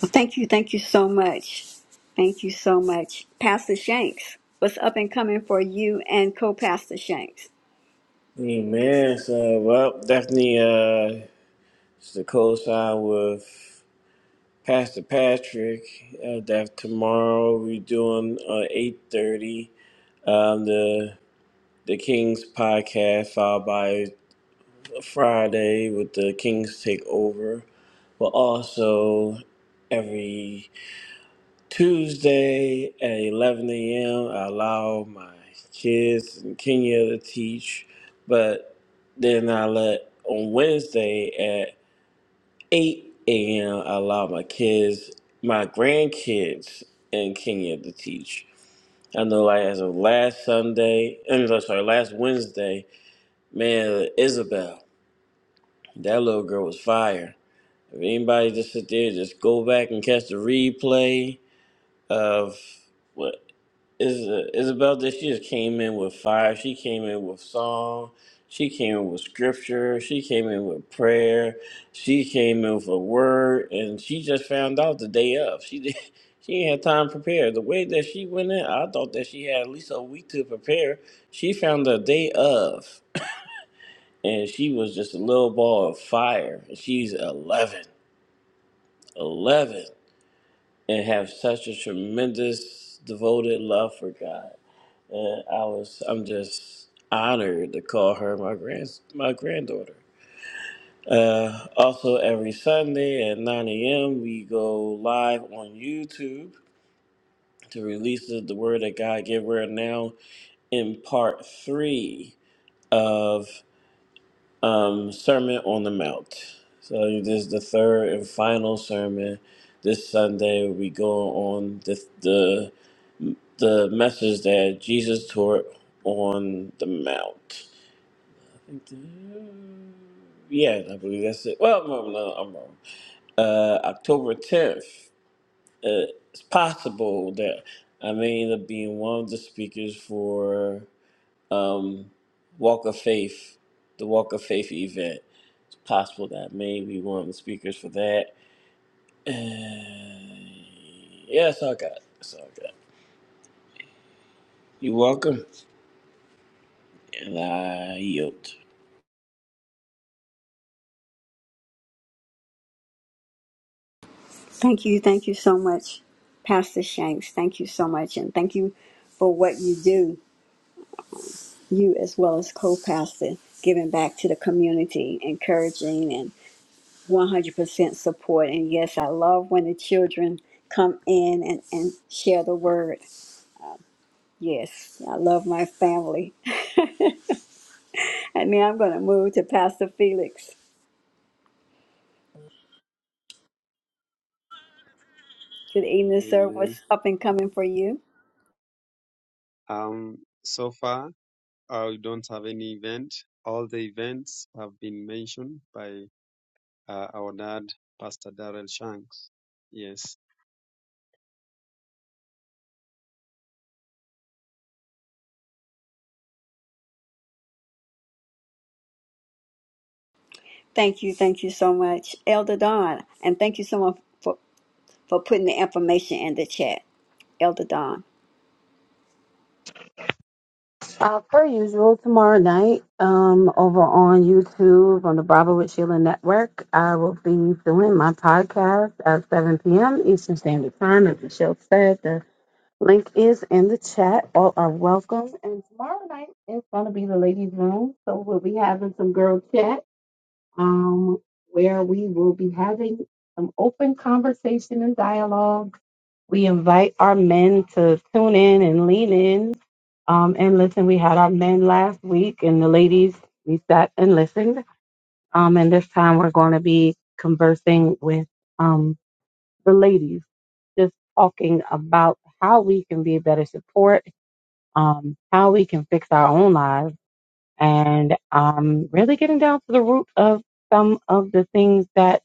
[SPEAKER 1] Well, thank you, thank you so much. Thank you so much. Pastor Shanks, what's up and coming for you and co Pastor Shanks?
[SPEAKER 3] Amen. So, well, definitely uh, it's the co-sign with Pastor Patrick. Uh, that tomorrow we're doing uh, eight thirty. Um, the the Kings podcast followed by Friday with the Kings takeover, but also every Tuesday at 11 a.m., I allow my kids in Kenya to teach, but then I let on Wednesday at 8 a.m., I allow my kids, my grandkids in Kenya to teach. I know, like, as of last Sunday, I mean, I'm sorry, last Wednesday, man, Isabel, that little girl was fire. If anybody just sit there, just go back and catch the replay of what Is- uh, Isabel did she just came in with fire. She came in with song. She came in with scripture. She came in with prayer. She came in with a word, and she just found out the day of. She did. She ain't had time to prepare. The way that she went in, I thought that she had at least a week to prepare. She found the day of, and she was just a little ball of fire. She's 11, 11, and have such a tremendous devoted love for God. And I was, I'm just honored to call her my grand, my granddaughter. Uh, also, every Sunday at 9 a.m., we go live on YouTube to release the, the word of God gave. We're now in part three of um, Sermon on the Mount. So this is the third and final sermon. This Sunday we go on the the, the message that Jesus taught on the mount. Yeah, I believe that's it. Well, no, no, I'm wrong. Uh, October 10th. Uh, it's possible that I may end up being one of the speakers for um, Walk of Faith, the Walk of Faith event. It's possible that I may be one of the speakers for that. Uh, yeah, that's all I got. That's all I got. You're welcome. And I yield.
[SPEAKER 1] Thank you. Thank you so much, Pastor Shanks. Thank you so much. And thank you for what you do, you as well as co pastor, giving back to the community, encouraging and 100% support. And yes, I love when the children come in and, and share the word. Yes, I love my family. And now I'm going to move to Pastor Felix. Good evening, sir.
[SPEAKER 4] Amen.
[SPEAKER 1] What's up and coming for you?
[SPEAKER 4] Um, so far, uh, we don't have any event. All the events have been mentioned by uh, our dad, Pastor Darrell Shanks. Yes.
[SPEAKER 1] Thank you. Thank you so much, Elder Don. And thank you so much. for putting the information in the chat, Elder Don.
[SPEAKER 5] Uh, per usual, tomorrow night, um, over on YouTube on the Bravo with Sheila Network, I will be doing my podcast at 7 p.m. Eastern Standard Time. As Michelle said, the link is in the chat. All are welcome. And tomorrow night is going to be the ladies' room, so we'll be having some girl chat, um, where we will be having some open conversation and dialogue. We invite our men to tune in and lean in um, and listen, we had our men last week, and the ladies, we sat and listened. Um, and this time we're going to be conversing with um, the ladies, just talking about how we can be a better support, um, how we can fix our own lives, and um, really getting down to the root of some of the things that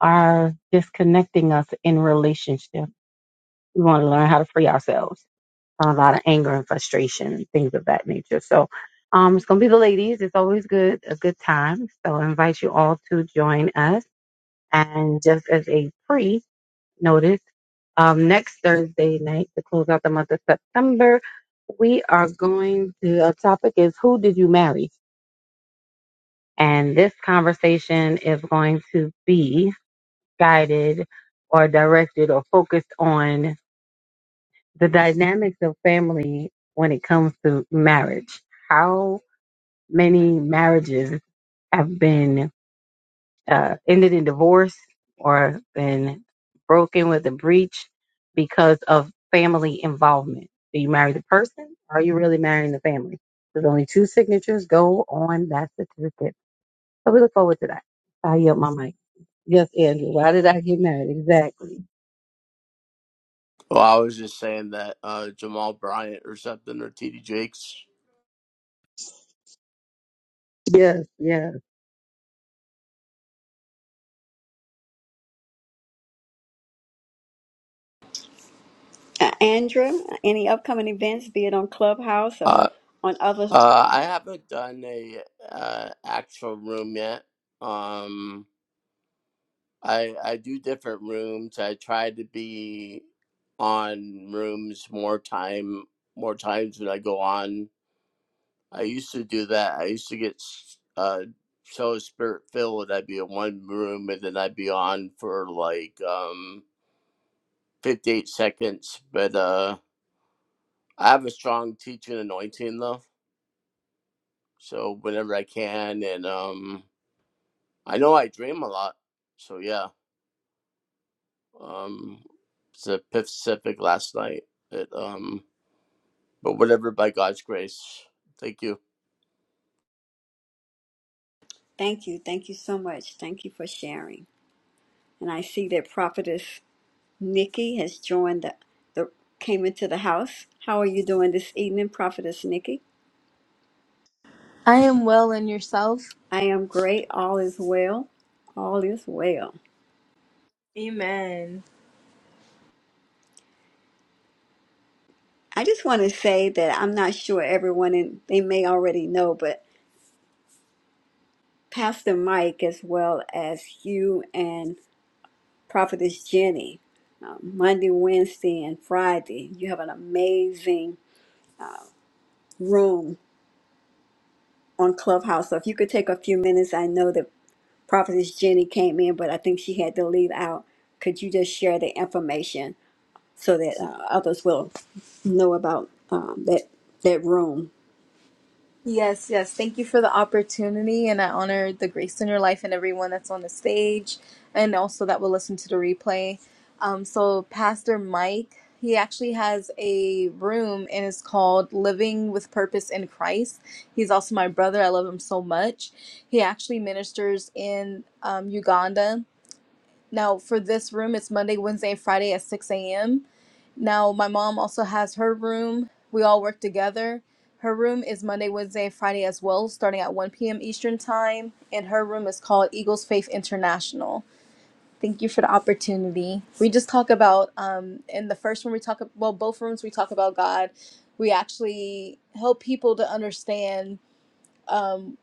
[SPEAKER 5] are disconnecting us in relationship. We want to learn how to free ourselves. a lot of anger and frustration and things of that nature. So um, it's going to be the ladies. It's always good, a good time. So I invite you all to join us. And just as a pre notice, um, next Thursday night to close out the month of September, we are going to, our topic is Who Did You Marry? And this conversation is going to be guided or directed or focused on the dynamics of family when it comes to marriage. How many marriages have been uh, ended in divorce or been broken with a breach because of family involvement? Do you marry the person? Or are you really marrying the family? There's only two signatures go on that certificate. So we look forward to that. I yield my mic. Yes, Andrew. Why did I get married? Exactly.
[SPEAKER 6] Well, I was just saying that uh Jamal Bryant or something or TD Jakes.
[SPEAKER 5] Yes, yes.
[SPEAKER 1] Uh, Andrea, any upcoming events, be it on Clubhouse or
[SPEAKER 6] Uh
[SPEAKER 1] on other?
[SPEAKER 6] uh I haven't done a uh actual room yet. Um I I do different rooms. I try to be on rooms more time more times than I go on. I used to do that. I used to get uh so spirit filled. I'd be in one room and then I'd be on for like um 58 seconds. But uh I have a strong teaching anointing though. So whenever I can and um I know I dream a lot. So yeah. Um it's a Pacific last night. It um but whatever by God's grace. Thank you.
[SPEAKER 1] Thank you. Thank you so much. Thank you for sharing. And I see that Prophetess Nikki has joined the, the came into the house. How are you doing this evening, Prophetess Nikki?
[SPEAKER 7] I am well and yourself?
[SPEAKER 1] I am great. All is well. All is well.
[SPEAKER 7] Amen.
[SPEAKER 1] I just want to say that I'm not sure everyone, and they may already know, but Pastor Mike, as well as you and Prophetess Jenny, uh, Monday, Wednesday, and Friday. You have an amazing room on Clubhouse. So if you could take a few minutes, I know that Prophetess Jenny came in, but I think she had to leave out. Could you just share the information so that uh, others will know about um, that that room?
[SPEAKER 7] Yes, yes. Thank you for the opportunity and I honor the grace in your life and everyone that's on the stage and also that will listen to the replay. Um, so Pastor Mike, he actually has a room and it's called Living with Purpose in Christ. He's also my brother. I love him so much. He actually ministers in um, Uganda. Now, for this room, it's Monday, Wednesday, and Friday at 6 a.m. Now, my mom also has her room. We all work together. Her room is Monday, Wednesday, and Friday as well, starting at 1 p.m. Eastern Time. And her room is called Eagles Faith International. Thank you for the opportunity. We just talk about, um, in the first room, we talk, well, both rooms, we talk about God. We actually help people to understand. um,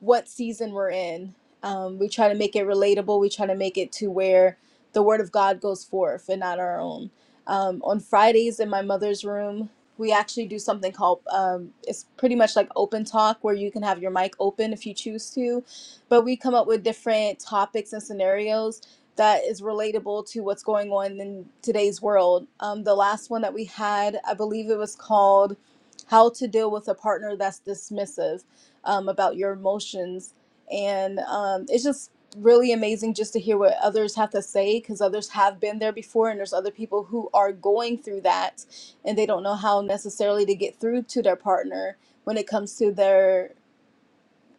[SPEAKER 7] what season we're in. Um, we try to make it relatable. We try to make it to where the word of God goes forth and not our own. Um, on Fridays in my mother's room, we actually do something called um, it's pretty much like open talk where you can have your mic open if you choose to, but we come up with different topics and scenarios that is relatable to what's going on in today's world. Um, the last one that we had, I believe it was called "How to Deal with a Partner That's Dismissive." um, about your emotions. And um, it's just really amazing just to hear what others have to say because others have been there before, and there's other people who are going through that and they don't know how necessarily to get through to their partner when it comes to their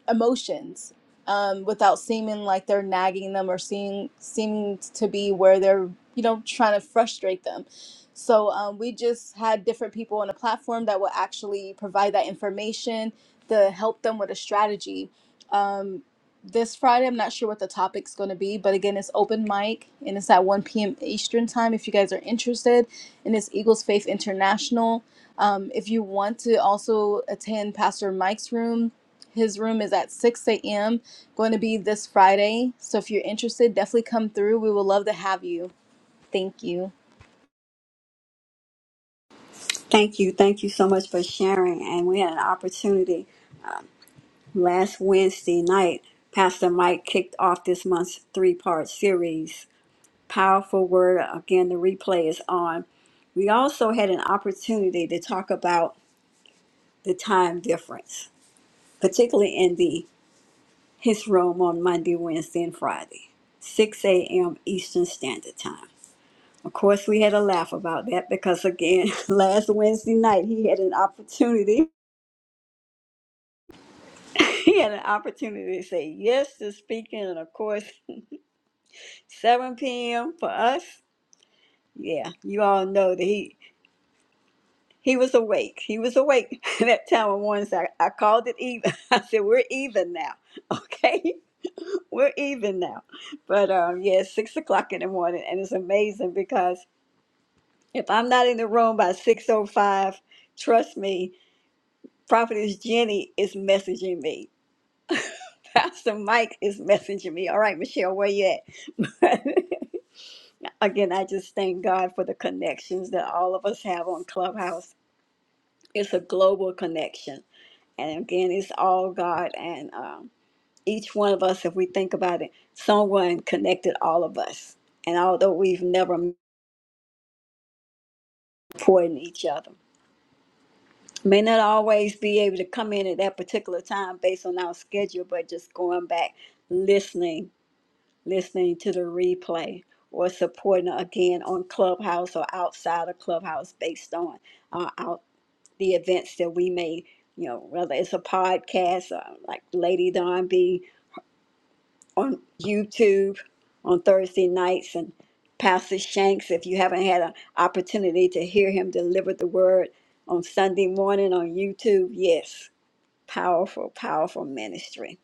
[SPEAKER 7] emotions um, without seeming like they're nagging them or seem seeming to be where they're you know trying to frustrate them. So um, we just had different people on the platform that will actually provide that information to help them with a strategy. Um, this Friday, I'm not sure what the topic's going to be, but again, it's open mic and it's at 1 p.m. Eastern time if you guys are interested. And it's Eagles Faith International. Um, if you want to also attend Pastor Mike's room, his room is at 6 a.m. Going to be this Friday. So if you're interested, definitely come through. We would love to have you. Thank you.
[SPEAKER 1] Thank you, thank you so much for sharing. And we had an opportunity last Wednesday night. Pastor Mike kicked off this month's three-part series Powerful word. Again, the replay is on. We also had an opportunity to talk about the time difference, particularly in the his room on Monday, Wednesday, and Friday, 6 a.m. Eastern Standard Time. Of course, we had a laugh about that because, again, last Wednesday night he had an opportunity. He had an opportunity to say yes to speaking, and of course, 7 p.m. for us. Yeah, you all know that he He was awake. He was awake that time of morning. So I, I called it even. I said, We're even now. Okay. We're even now. But um, yeah, it's six o'clock in the morning. And it's amazing because if I'm not in the room by 6.05, trust me, Prophetess Jenny is messaging me. Pastor Mike is messaging me. All right, Michelle, where you at? Again, I just thank God for the connections that all of us have on Clubhouse. It's a global connection And again, it's all God and um, each one of us, if we think about it, someone connected all of us. And although we've never met important each other, may not always be able to come in at that particular time based on our schedule, but just going back, listening, listening to the replay or supporting again on Clubhouse or outside of Clubhouse based on uh, our the events that we may, you know, whether it's a podcast, uh, like Lady Don B. on YouTube on Thursday nights and Pastor Shanks, if you haven't had an opportunity to hear him deliver the word on Sunday morning on YouTube, yes, powerful, powerful ministry.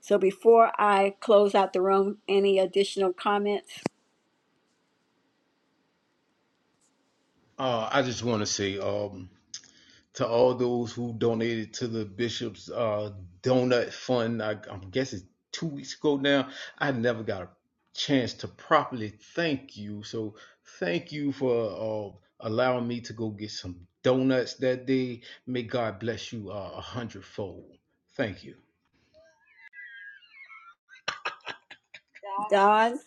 [SPEAKER 1] So before I close out the room, any additional comments?
[SPEAKER 2] Uh, I just want to say um, to all those who donated to the Bishop's uh, Donut Fund, I, I guess it's two weeks ago now. I never got a chance to properly thank you. So thank you for uh, allowing me to go get some donuts that day. May God bless you uh, a hundredfold. Thank you
[SPEAKER 1] Don,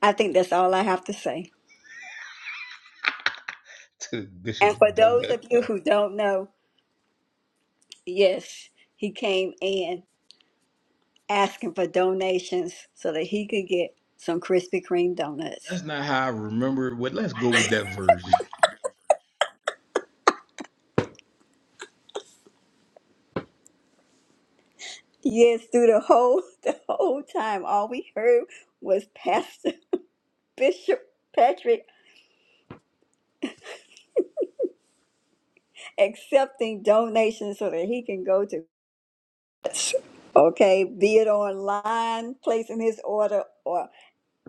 [SPEAKER 1] I think that's all I have to say.
[SPEAKER 2] to the
[SPEAKER 1] And
[SPEAKER 2] Bishop's
[SPEAKER 1] for those
[SPEAKER 2] Donut
[SPEAKER 1] of you
[SPEAKER 2] Fund.
[SPEAKER 1] who don't know, yes, he came in asking for donations so that he could get some Krispy Kreme donuts.
[SPEAKER 2] That's not how I remember it. Well, let's go with that version.
[SPEAKER 1] Yes, through the whole the whole time, all we heard was Pastor Bishop Patrick accepting donations so that he can go to okay, be it online, placing his order, or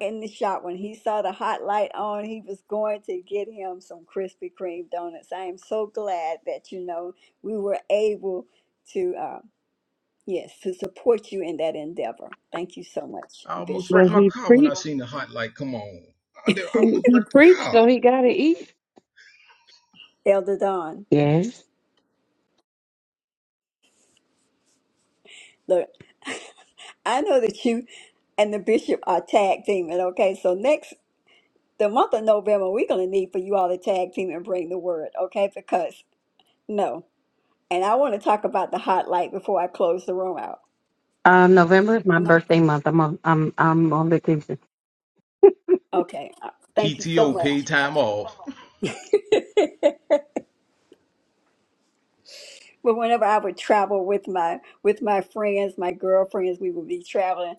[SPEAKER 1] in the shop. When he saw the hot light on, he was going to get him some Krispy Kreme donuts. I am so glad that you know we were able to uh, yes to support you in that endeavor. Thank you so much,
[SPEAKER 2] I almost
[SPEAKER 1] Bishop
[SPEAKER 2] wrecked
[SPEAKER 5] Well,
[SPEAKER 2] my
[SPEAKER 5] he
[SPEAKER 2] car when I
[SPEAKER 5] preached.
[SPEAKER 2] seen the hot light. Come on. I
[SPEAKER 5] He,
[SPEAKER 2] almost
[SPEAKER 5] he
[SPEAKER 2] wrecked the
[SPEAKER 5] preached,
[SPEAKER 2] car.
[SPEAKER 5] so he got to eat.
[SPEAKER 1] Elder Don.
[SPEAKER 5] Yes.
[SPEAKER 1] Look. I know that you and the bishop are tag teaming, okay? So next the month of November, we're gonna need for you all to tag team and bring the word, okay? Because no. And I want to talk about the hot light before I close the room out.
[SPEAKER 5] Um, November is my
[SPEAKER 1] Mm,
[SPEAKER 5] birthday month. I'm on, I'm I'm on vacation.
[SPEAKER 1] Okay. uh, Thank you so
[SPEAKER 2] PTO,
[SPEAKER 1] much.
[SPEAKER 2] paid time off.
[SPEAKER 1] But whenever I would travel with my with my friends, my girlfriends, we would be traveling.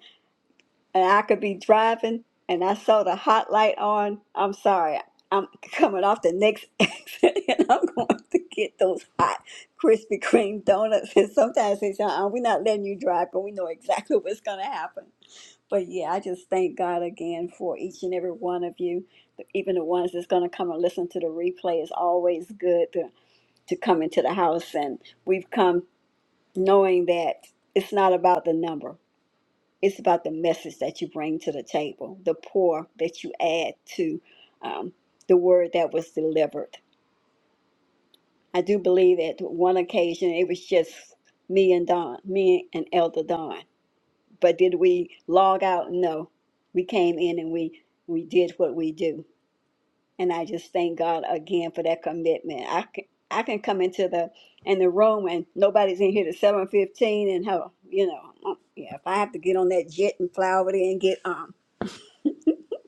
[SPEAKER 1] and I could be driving and I saw the hot light on, I'm sorry, I'm coming off the next exit and I'm going to get those hot Krispy Kreme donuts. And sometimes they say, uh we're not letting you drive, but we know exactly what's going to happen. But yeah, I just thank God again for each and every one of you, even the ones that's going to come and listen to the replay. It's always good to, to come into the house, and we've come knowing that it's not about the number it's about the message that you bring to the table, the pour that you add to um, the word that was delivered. I do believe at one occasion it was just me and Don, me and Elder Don. But did we log out? No. We came in and we we did what we do. And I just thank God again for that commitment. I can I can come into the in the room and nobody's in here to seven fifteen and how you know um, yeah if I have to get on that jet and fly over there and get um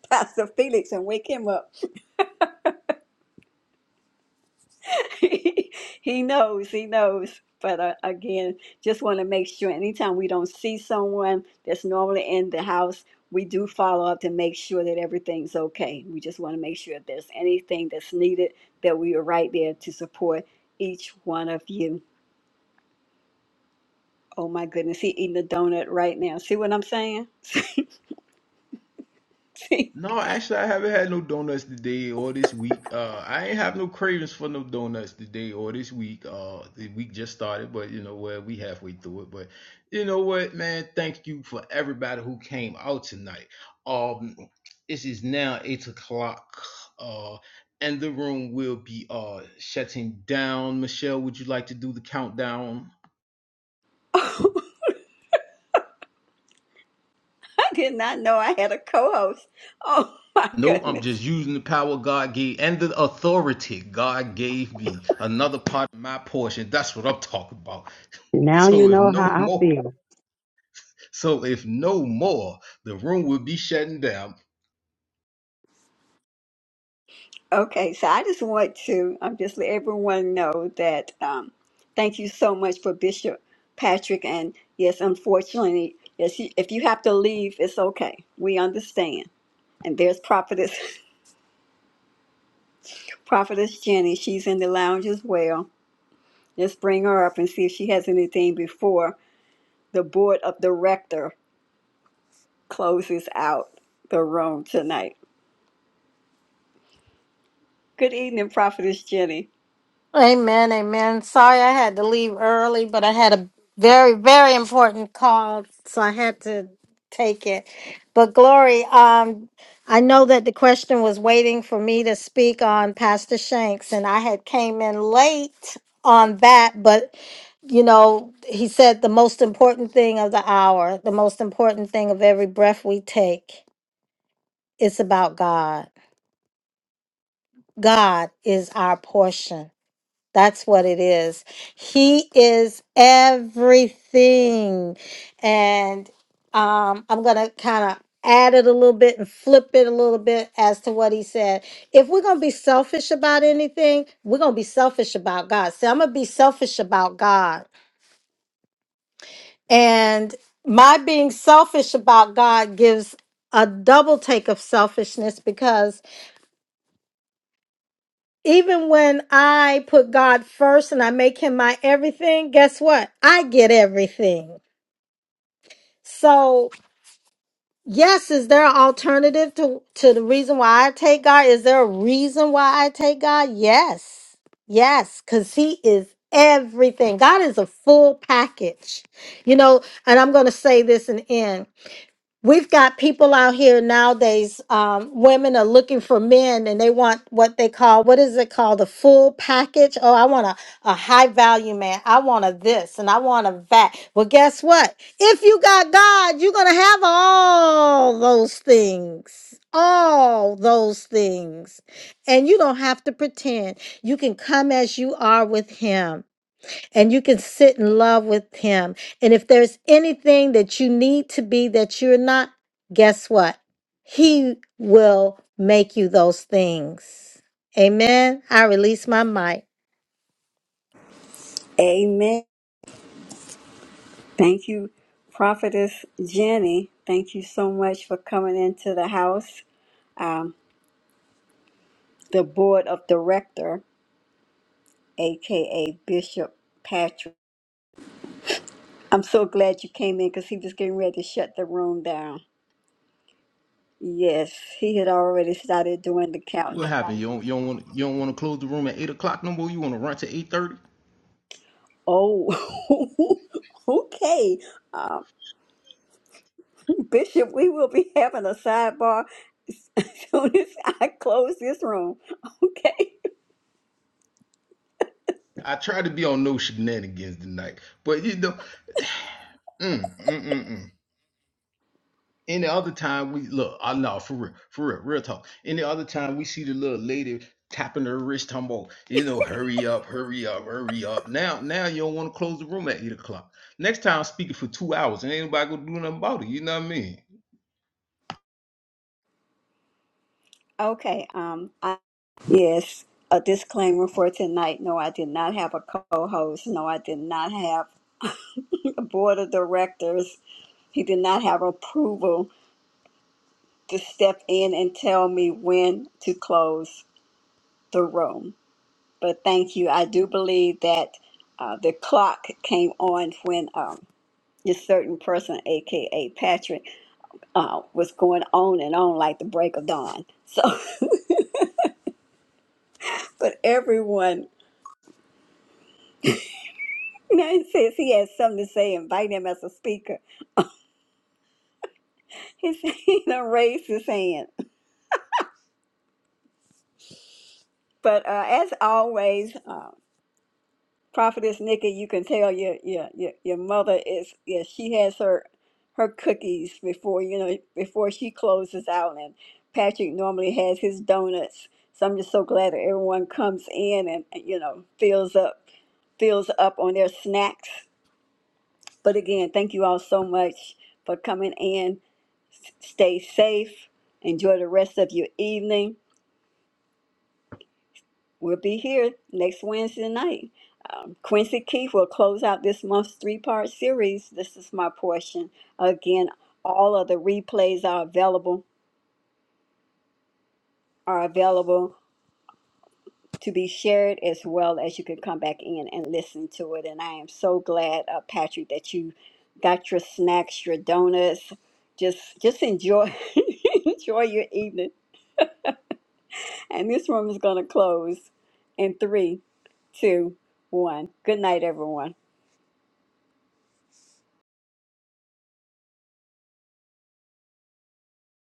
[SPEAKER 1] Pastor Felix and wake him up. he knows, he knows. But uh, again, just want to make sure anytime we don't see someone that's normally in the house, we do follow up to make sure that everything's okay. We just want to make sure if there's anything that's needed, that we are right there to support each one of you. Oh my goodness, he eating a donut right now. See what I'm saying? See?
[SPEAKER 2] No, actually, I haven't had no donuts today or this week. Uh, I ain't have no cravings for no donuts today or this week. Uh, the week just started, but you know what? We halfway through it. But you know what, man? Thank you for everybody who came out tonight. Um, this is now eight o'clock. Uh, and the room will be uh shutting down. Michelle, would you like to do the countdown?
[SPEAKER 1] Oh, I did not know I had a co-host. Oh my
[SPEAKER 2] Nope, I'm
[SPEAKER 1] goodness.
[SPEAKER 2] just using the power God gave and the authority God gave me. Another part of my portion. That's what I'm talking about.
[SPEAKER 5] Now you
[SPEAKER 2] So if
[SPEAKER 5] know
[SPEAKER 2] no
[SPEAKER 5] how I
[SPEAKER 2] more,
[SPEAKER 5] feel.
[SPEAKER 2] so if no more, the room will be shutting down.
[SPEAKER 1] Okay, so I just want to um, just let everyone know that um, thank you so much for Bishop Patrick. And yes, unfortunately, yes, he- if you have to leave, it's okay. We understand. And there's Prophetess Prophetess Jenny. She's in the lounge as well. Let's bring her up and see if she has anything before the board of director closes out the room tonight. Good evening, Prophetess Jenny.
[SPEAKER 8] Amen, amen. Sorry I had to leave early, but I had a very, very important call, so I had to take it. But Glory, um, I know that the question was waiting for me to speak on Pastor Shanks, and I had came in late on that, but you know, he said the most important thing of the hour, the most important thing of every breath we take, it's about God. God is our portion. That's what it is. He is everything. And um, I'm going to kind of add it a little bit and flip it a little bit as to what he said. If we're going to be selfish about anything, we're going to be selfish about God. So I'm going to be selfish about God. And my being selfish about God gives a double take of selfishness because even when I put God first and I make him my everything, guess what? I get everything. So, yes, is there an alternative to, to the reason why I take God? Is there a reason why I take God? Yes. Yes, because he is everything. God is a full package. You know, and I'm going to say this and end. We've got people out here nowadays, um, women are looking for men and they want what they call, what is it called? The full package. Oh, I want a, a high value man. I want a this and I want a that. Well, guess what? If you got God, you're going to have all those things. All those things. And you don't have to pretend. You can come as you are with Him and you can sit in love with him. And if there's anything that you need to be that you're not, guess what? He will make you those things. Amen. I release my mic.
[SPEAKER 1] Amen. Thank you, Prophetess Jenny. Thank you so much for coming into the house. Um, the board of director, aka Bishop Patrick. I'm so glad you came in because he was getting ready to shut the room down. Yes, he had already started doing the
[SPEAKER 2] What
[SPEAKER 1] countdown.
[SPEAKER 2] happened? You don't, you don't want you don't want to close the room at eight o'clock no more. You want to run to eight thirty?
[SPEAKER 1] Oh, okay. Um, Bishop, we will be having a sidebar as soon as I close this room. Okay.
[SPEAKER 2] I tried to be on no shenanigans tonight, but you know, mm, mm, mm, mm. Any other time we look, I know for real, for real, real talk. Any other time we see the little lady tapping her wrist, talking about, you know, hurry up, hurry up, hurry up. Now, now you don't want to close the room at eight o'clock. Next time I'm speaking for two hours and ain't nobody gonna do nothing about it. You know what I mean?
[SPEAKER 1] Okay, um, I, yes, a disclaimer for tonight. No, I did not have a co-host. No, I did not have a board of directors. He did not have approval to step in and tell me when to close the room. But thank you. I do believe that uh, the clock came on when um, a certain person, aka Patrick, uh, was going on and on like the break of dawn. So, but everyone. Now he says he has something to say. Invite him as a speaker. He said he done raised his hand. But uh, as always, uh, Prophetess Nikki, you can tell your your your, your mother is yeah she has her her cookies before you know before she closes out, and Patrick normally has his donuts. So I'm just so glad that everyone comes in and you know fills up fills up on their snacks. But again, thank you all so much for coming in. Stay safe. Enjoy the rest of your evening. We'll be here next Wednesday night. Um, Quincy Keith will close out this month's three part series. This is my portion. Again, all of the replays are available are available to be shared as well as you can come back in and listen to it. And I am so glad, uh, Patrick, that you got your snacks, your donuts. Just just enjoy enjoy your evening and this room is going to close in three, two, one. Good night, everyone.